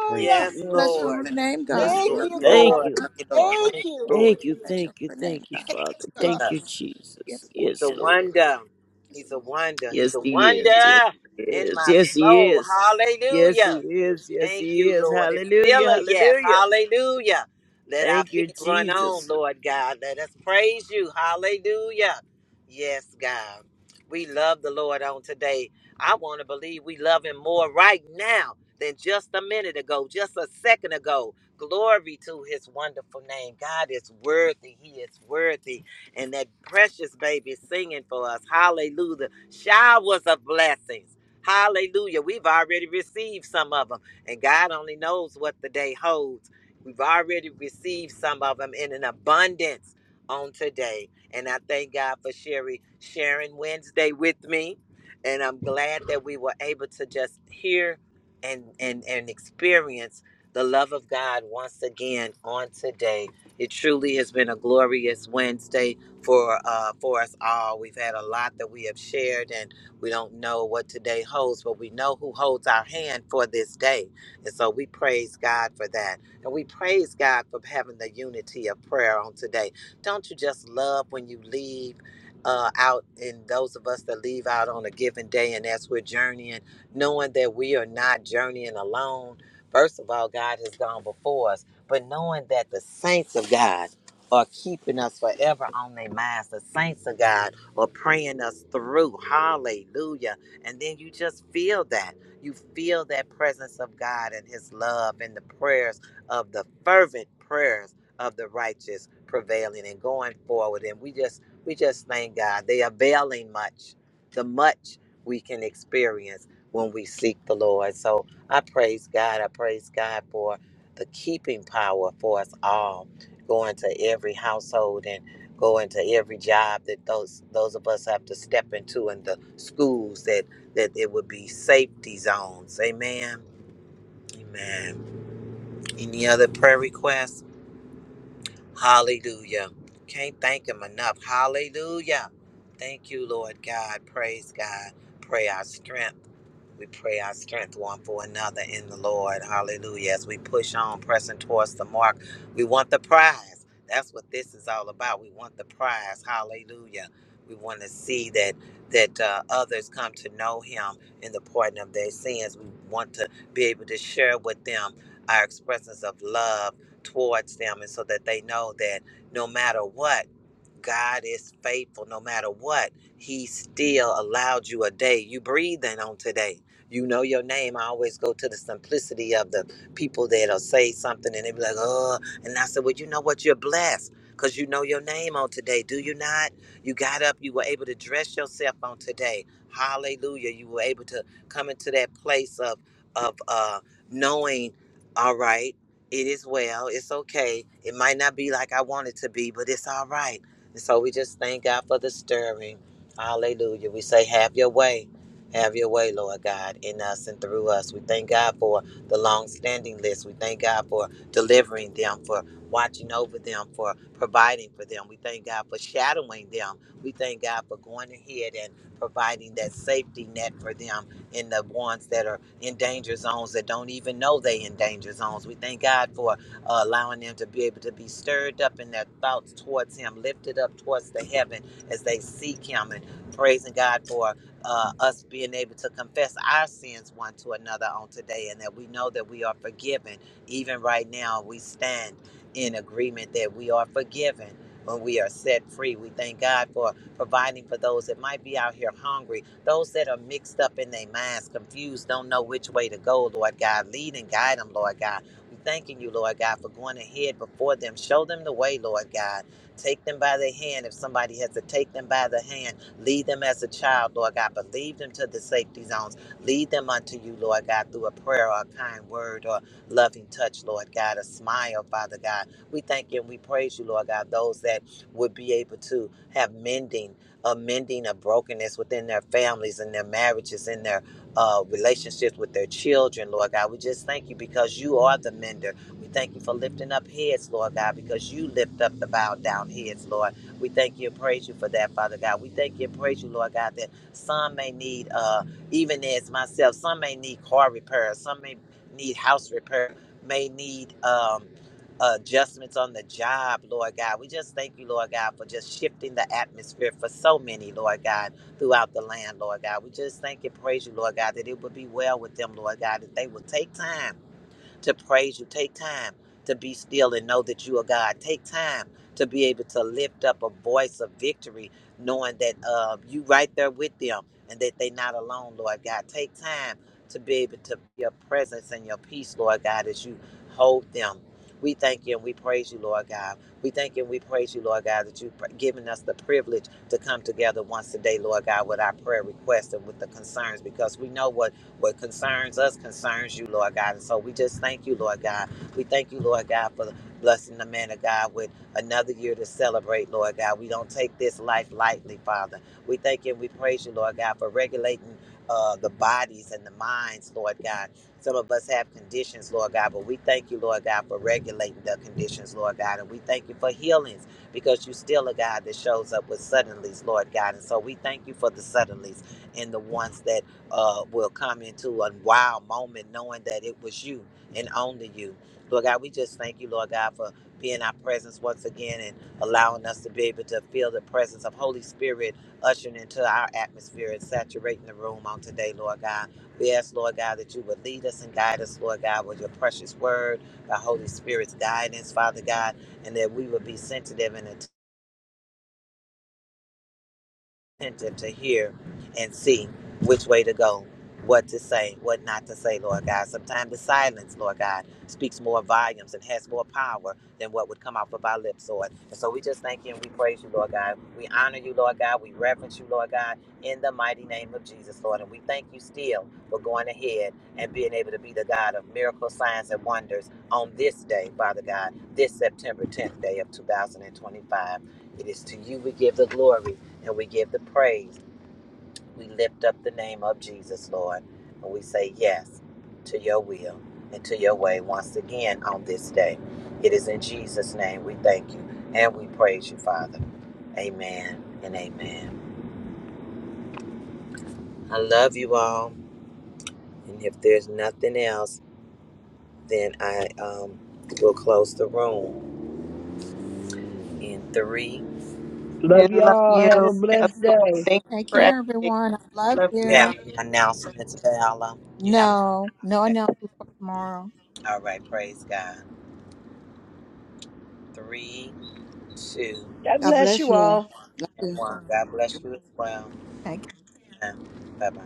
Speaker 15: Praise your
Speaker 1: Yes,
Speaker 15: name.
Speaker 2: Bless
Speaker 16: Yes,
Speaker 2: your
Speaker 16: Lord.
Speaker 1: Lord.
Speaker 2: holy name, God.
Speaker 16: Yes,
Speaker 2: I
Speaker 3: Thank
Speaker 2: love
Speaker 1: Yes,
Speaker 16: Lord.
Speaker 3: you,
Speaker 2: you.
Speaker 3: God.
Speaker 16: Thank
Speaker 1: Lord.
Speaker 16: you.
Speaker 2: Love you, Lord.
Speaker 3: Thank
Speaker 1: Thank
Speaker 3: you,
Speaker 1: you,
Speaker 16: Thank you.
Speaker 2: Bless your
Speaker 16: Thank you.
Speaker 2: holy name,
Speaker 16: Thank you,
Speaker 2: God.
Speaker 16: Father.
Speaker 2: Yes,
Speaker 3: God.
Speaker 16: Thank
Speaker 1: Lord.
Speaker 16: you, Jesus.
Speaker 2: yes, Lord.
Speaker 1: He's a
Speaker 16: Yes, Lord.
Speaker 1: wonder.
Speaker 2: Yes,
Speaker 1: He's a
Speaker 2: Lord.
Speaker 1: wonder. He's
Speaker 16: Yes,
Speaker 1: a
Speaker 16: He is. Yes,
Speaker 1: wonder
Speaker 16: He
Speaker 1: in
Speaker 16: is.
Speaker 1: my
Speaker 16: Yes, He
Speaker 1: soul.
Speaker 16: is. Yes, He
Speaker 1: Hallelujah.
Speaker 16: is. Yes,
Speaker 1: Thank
Speaker 16: He
Speaker 1: you,
Speaker 16: is.
Speaker 1: Lord. It's still
Speaker 16: Hallelujah.
Speaker 1: a yes.
Speaker 16: Hallelujah.
Speaker 1: Hallelujah. Let our
Speaker 16: Thank you,
Speaker 1: feet run on,
Speaker 16: Jesus.
Speaker 1: Lord God. Let us praise you. Hallelujah. Yes, God. We love the Lord on today. I want to believe we love him more right now than just a minute ago, just a second ago. Glory to his wonderful name. God is worthy. He is worthy. And that precious baby singing for us. Hallelujah. Showers of blessings. Hallelujah. We've already received some of them and God only knows what the day holds. We've already received some of them in an abundance on today. And I thank God for Sherry sharing Wednesday with me. And I'm glad that we were able to just hear and and, and experience the love of God once again on today. It truly has been a glorious Wednesday for uh, for us all. We've had a lot that we have shared, and we don't know what today holds, but we know who holds our hand for this day. And so we praise God for that. And we praise God for having the unity of prayer on today. Don't you just love when you leave uh, out, and those of us that leave out on a given day, and as we're journeying, knowing that we are not journeying alone. First of all, God has gone before us, but knowing that the saints of God are keeping us forever on their minds, the saints of God are praying us through. Hallelujah. And then you just feel that. You feel that presence of God and His love and the prayers of the fervent prayers of the righteous prevailing and going forward. And we just we just thank God. They availing much, the much we can experience when we seek the Lord. So I praise God. I praise God for the keeping power for us all, going to every household and going to every job that those those of us have to step into and the schools that that there would be safety zones. Amen. Amen. Any other prayer requests? Hallelujah. Can't thank him enough. Hallelujah. Thank you, Lord God. Praise God. Pray our strength. We pray our strength one for another in the Lord. Hallelujah. As we push on, pressing towards the mark, we want the prize. That's what this is all about. We want the prize. Hallelujah. We want to see that that uh, others come to know Him in the pardon of their sins. We want to be able to share with them our expressions of love towards them and so that they know that no matter what God is faithful no matter what. He still allowed you a day. You breathing on today. You know your name. I always go to the simplicity of the people that'll say something and they be like, oh. And I said, well, you know what? You're blessed because you know your name on today. Do you not? You got up. You were able to dress yourself on today. Hallelujah. You were able to come into that place of, of uh, knowing, all right, it is well. It's okay. It might not be like I want it to be, but it's all right and so we just thank God for the stirring. Hallelujah. We say, Have your way. Have your way, Lord God, in us and through us. We thank God for the long standing list. We thank God for delivering them, for watching over them, for providing for them. We thank God for shadowing them. We thank God for going ahead and providing that safety net for them in the ones that are in danger zones that don't even know they in danger zones. We thank God for uh, allowing them to be able to be stirred up in their thoughts towards Him, lifted up towards the heaven as they seek Him, and praising God for uh, us being able to confess our sins one to another on today, and that we know that we are forgiven. Even right now, we stand in agreement that we are forgiven when we are set free. We thank God for providing for those that might be out here hungry, those that are mixed up in their minds, confused, don't know which way to go, Lord God. Lead and guide them, Lord God we thanking you, Lord God, for going ahead before them. Show them the way, Lord God. Take them by the hand. If somebody has to take them by the hand, lead them as a child, Lord God, but lead them to the safety zones. Lead them unto you, Lord God, through a prayer or a kind word or loving touch, Lord God, a smile, Father God. We thank you and we praise you, Lord God, those that would be able to have mending, a mending of brokenness within their families and their marriages and their uh, relationships with their children, Lord God. We just thank you because you are the mender. We thank you for lifting up heads, Lord God, because you lift up the bowed down heads, Lord. We thank you and praise you for that, Father God. We thank you and praise you, Lord God, that some may need, uh, even as myself, some may need car repair, some may need house repair, may need um, adjustments on the job, Lord God. We just thank you, Lord God, for just shifting the atmosphere for so many, Lord God throughout the land, Lord God. We just thank and praise you, Lord God, that it would be well with them, Lord God, that they will take time to praise you. Take time to be still and know that you are God. Take time to be able to lift up a voice of victory, knowing that uh, you right there with them and that they not alone, Lord God. Take time to be able to your presence and your peace, Lord God, as you hold them. We thank you and we praise you, Lord God. We thank you and we praise you, Lord God, that you've given us the privilege to come together once a day, Lord God, with our prayer requests and with the concerns, because we know what what concerns us concerns you, Lord God. And so we just thank you, Lord God. We thank you, Lord God, for blessing the man of God with another year to celebrate, Lord God. We don't take this life lightly, Father. We thank you and we praise you, Lord God, for regulating uh, the bodies and the minds, Lord God. Some of us have conditions, Lord God, but we thank you, Lord God, for regulating the conditions, Lord God. And we thank you for healings because you still a God that shows up with suddenlies, Lord God. And so we thank you for the suddenlies and the ones that uh, will come into a wow moment knowing that it was you and only you. Lord God, we just thank you, Lord God, for being our presence once again and allowing us to be able to feel the presence of Holy Spirit ushering into our atmosphere and saturating the room on today, Lord God. We ask, Lord God, that you would lead us and guide us, Lord God, with your precious word, by Holy Spirit's guidance, Father God, and that we would be sensitive and attentive attentive to hear and see which way to go, what to say, what not to say, Lord God. Sometimes the silence, Lord God, speaks more volumes and has more power than what would come off of our lips, Lord. And so we just thank you and we praise you, Lord God. We honor you, Lord God. We reverence you, Lord God, in the mighty name of Jesus, Lord. And we thank you still for going ahead and being able to be the God of miracles, signs, and wonders on this day, Father God, this September 10th day of 2025. It is to you we give the glory and we give the praise. We lift up the name of Jesus, Lord, and we say yes to your will and to your way once again on this day. It is in Jesus' name we thank you and we praise you, Father. Amen and amen. I love you all, and if there's nothing else, then I um, will close the room in three.
Speaker 9: Love
Speaker 6: Love
Speaker 1: Any
Speaker 9: y'all.
Speaker 6: you
Speaker 9: Have a blessed
Speaker 1: announcements?
Speaker 9: day.
Speaker 6: all. Thank you
Speaker 3: Take
Speaker 6: for
Speaker 3: care,
Speaker 6: everything.
Speaker 3: everyone. I love
Speaker 6: Love
Speaker 1: You
Speaker 6: you.
Speaker 1: have
Speaker 3: you.
Speaker 1: any announcements, Bella? You have
Speaker 3: No, no
Speaker 1: okay.
Speaker 3: announcements for tomorrow.
Speaker 1: All right. Praise God. Three. Two
Speaker 2: God
Speaker 4: bless
Speaker 2: bless
Speaker 4: you
Speaker 2: you
Speaker 4: all.
Speaker 2: all. Love
Speaker 1: and
Speaker 2: you.
Speaker 1: one. God bless you as well.
Speaker 3: Take
Speaker 1: And bye bye.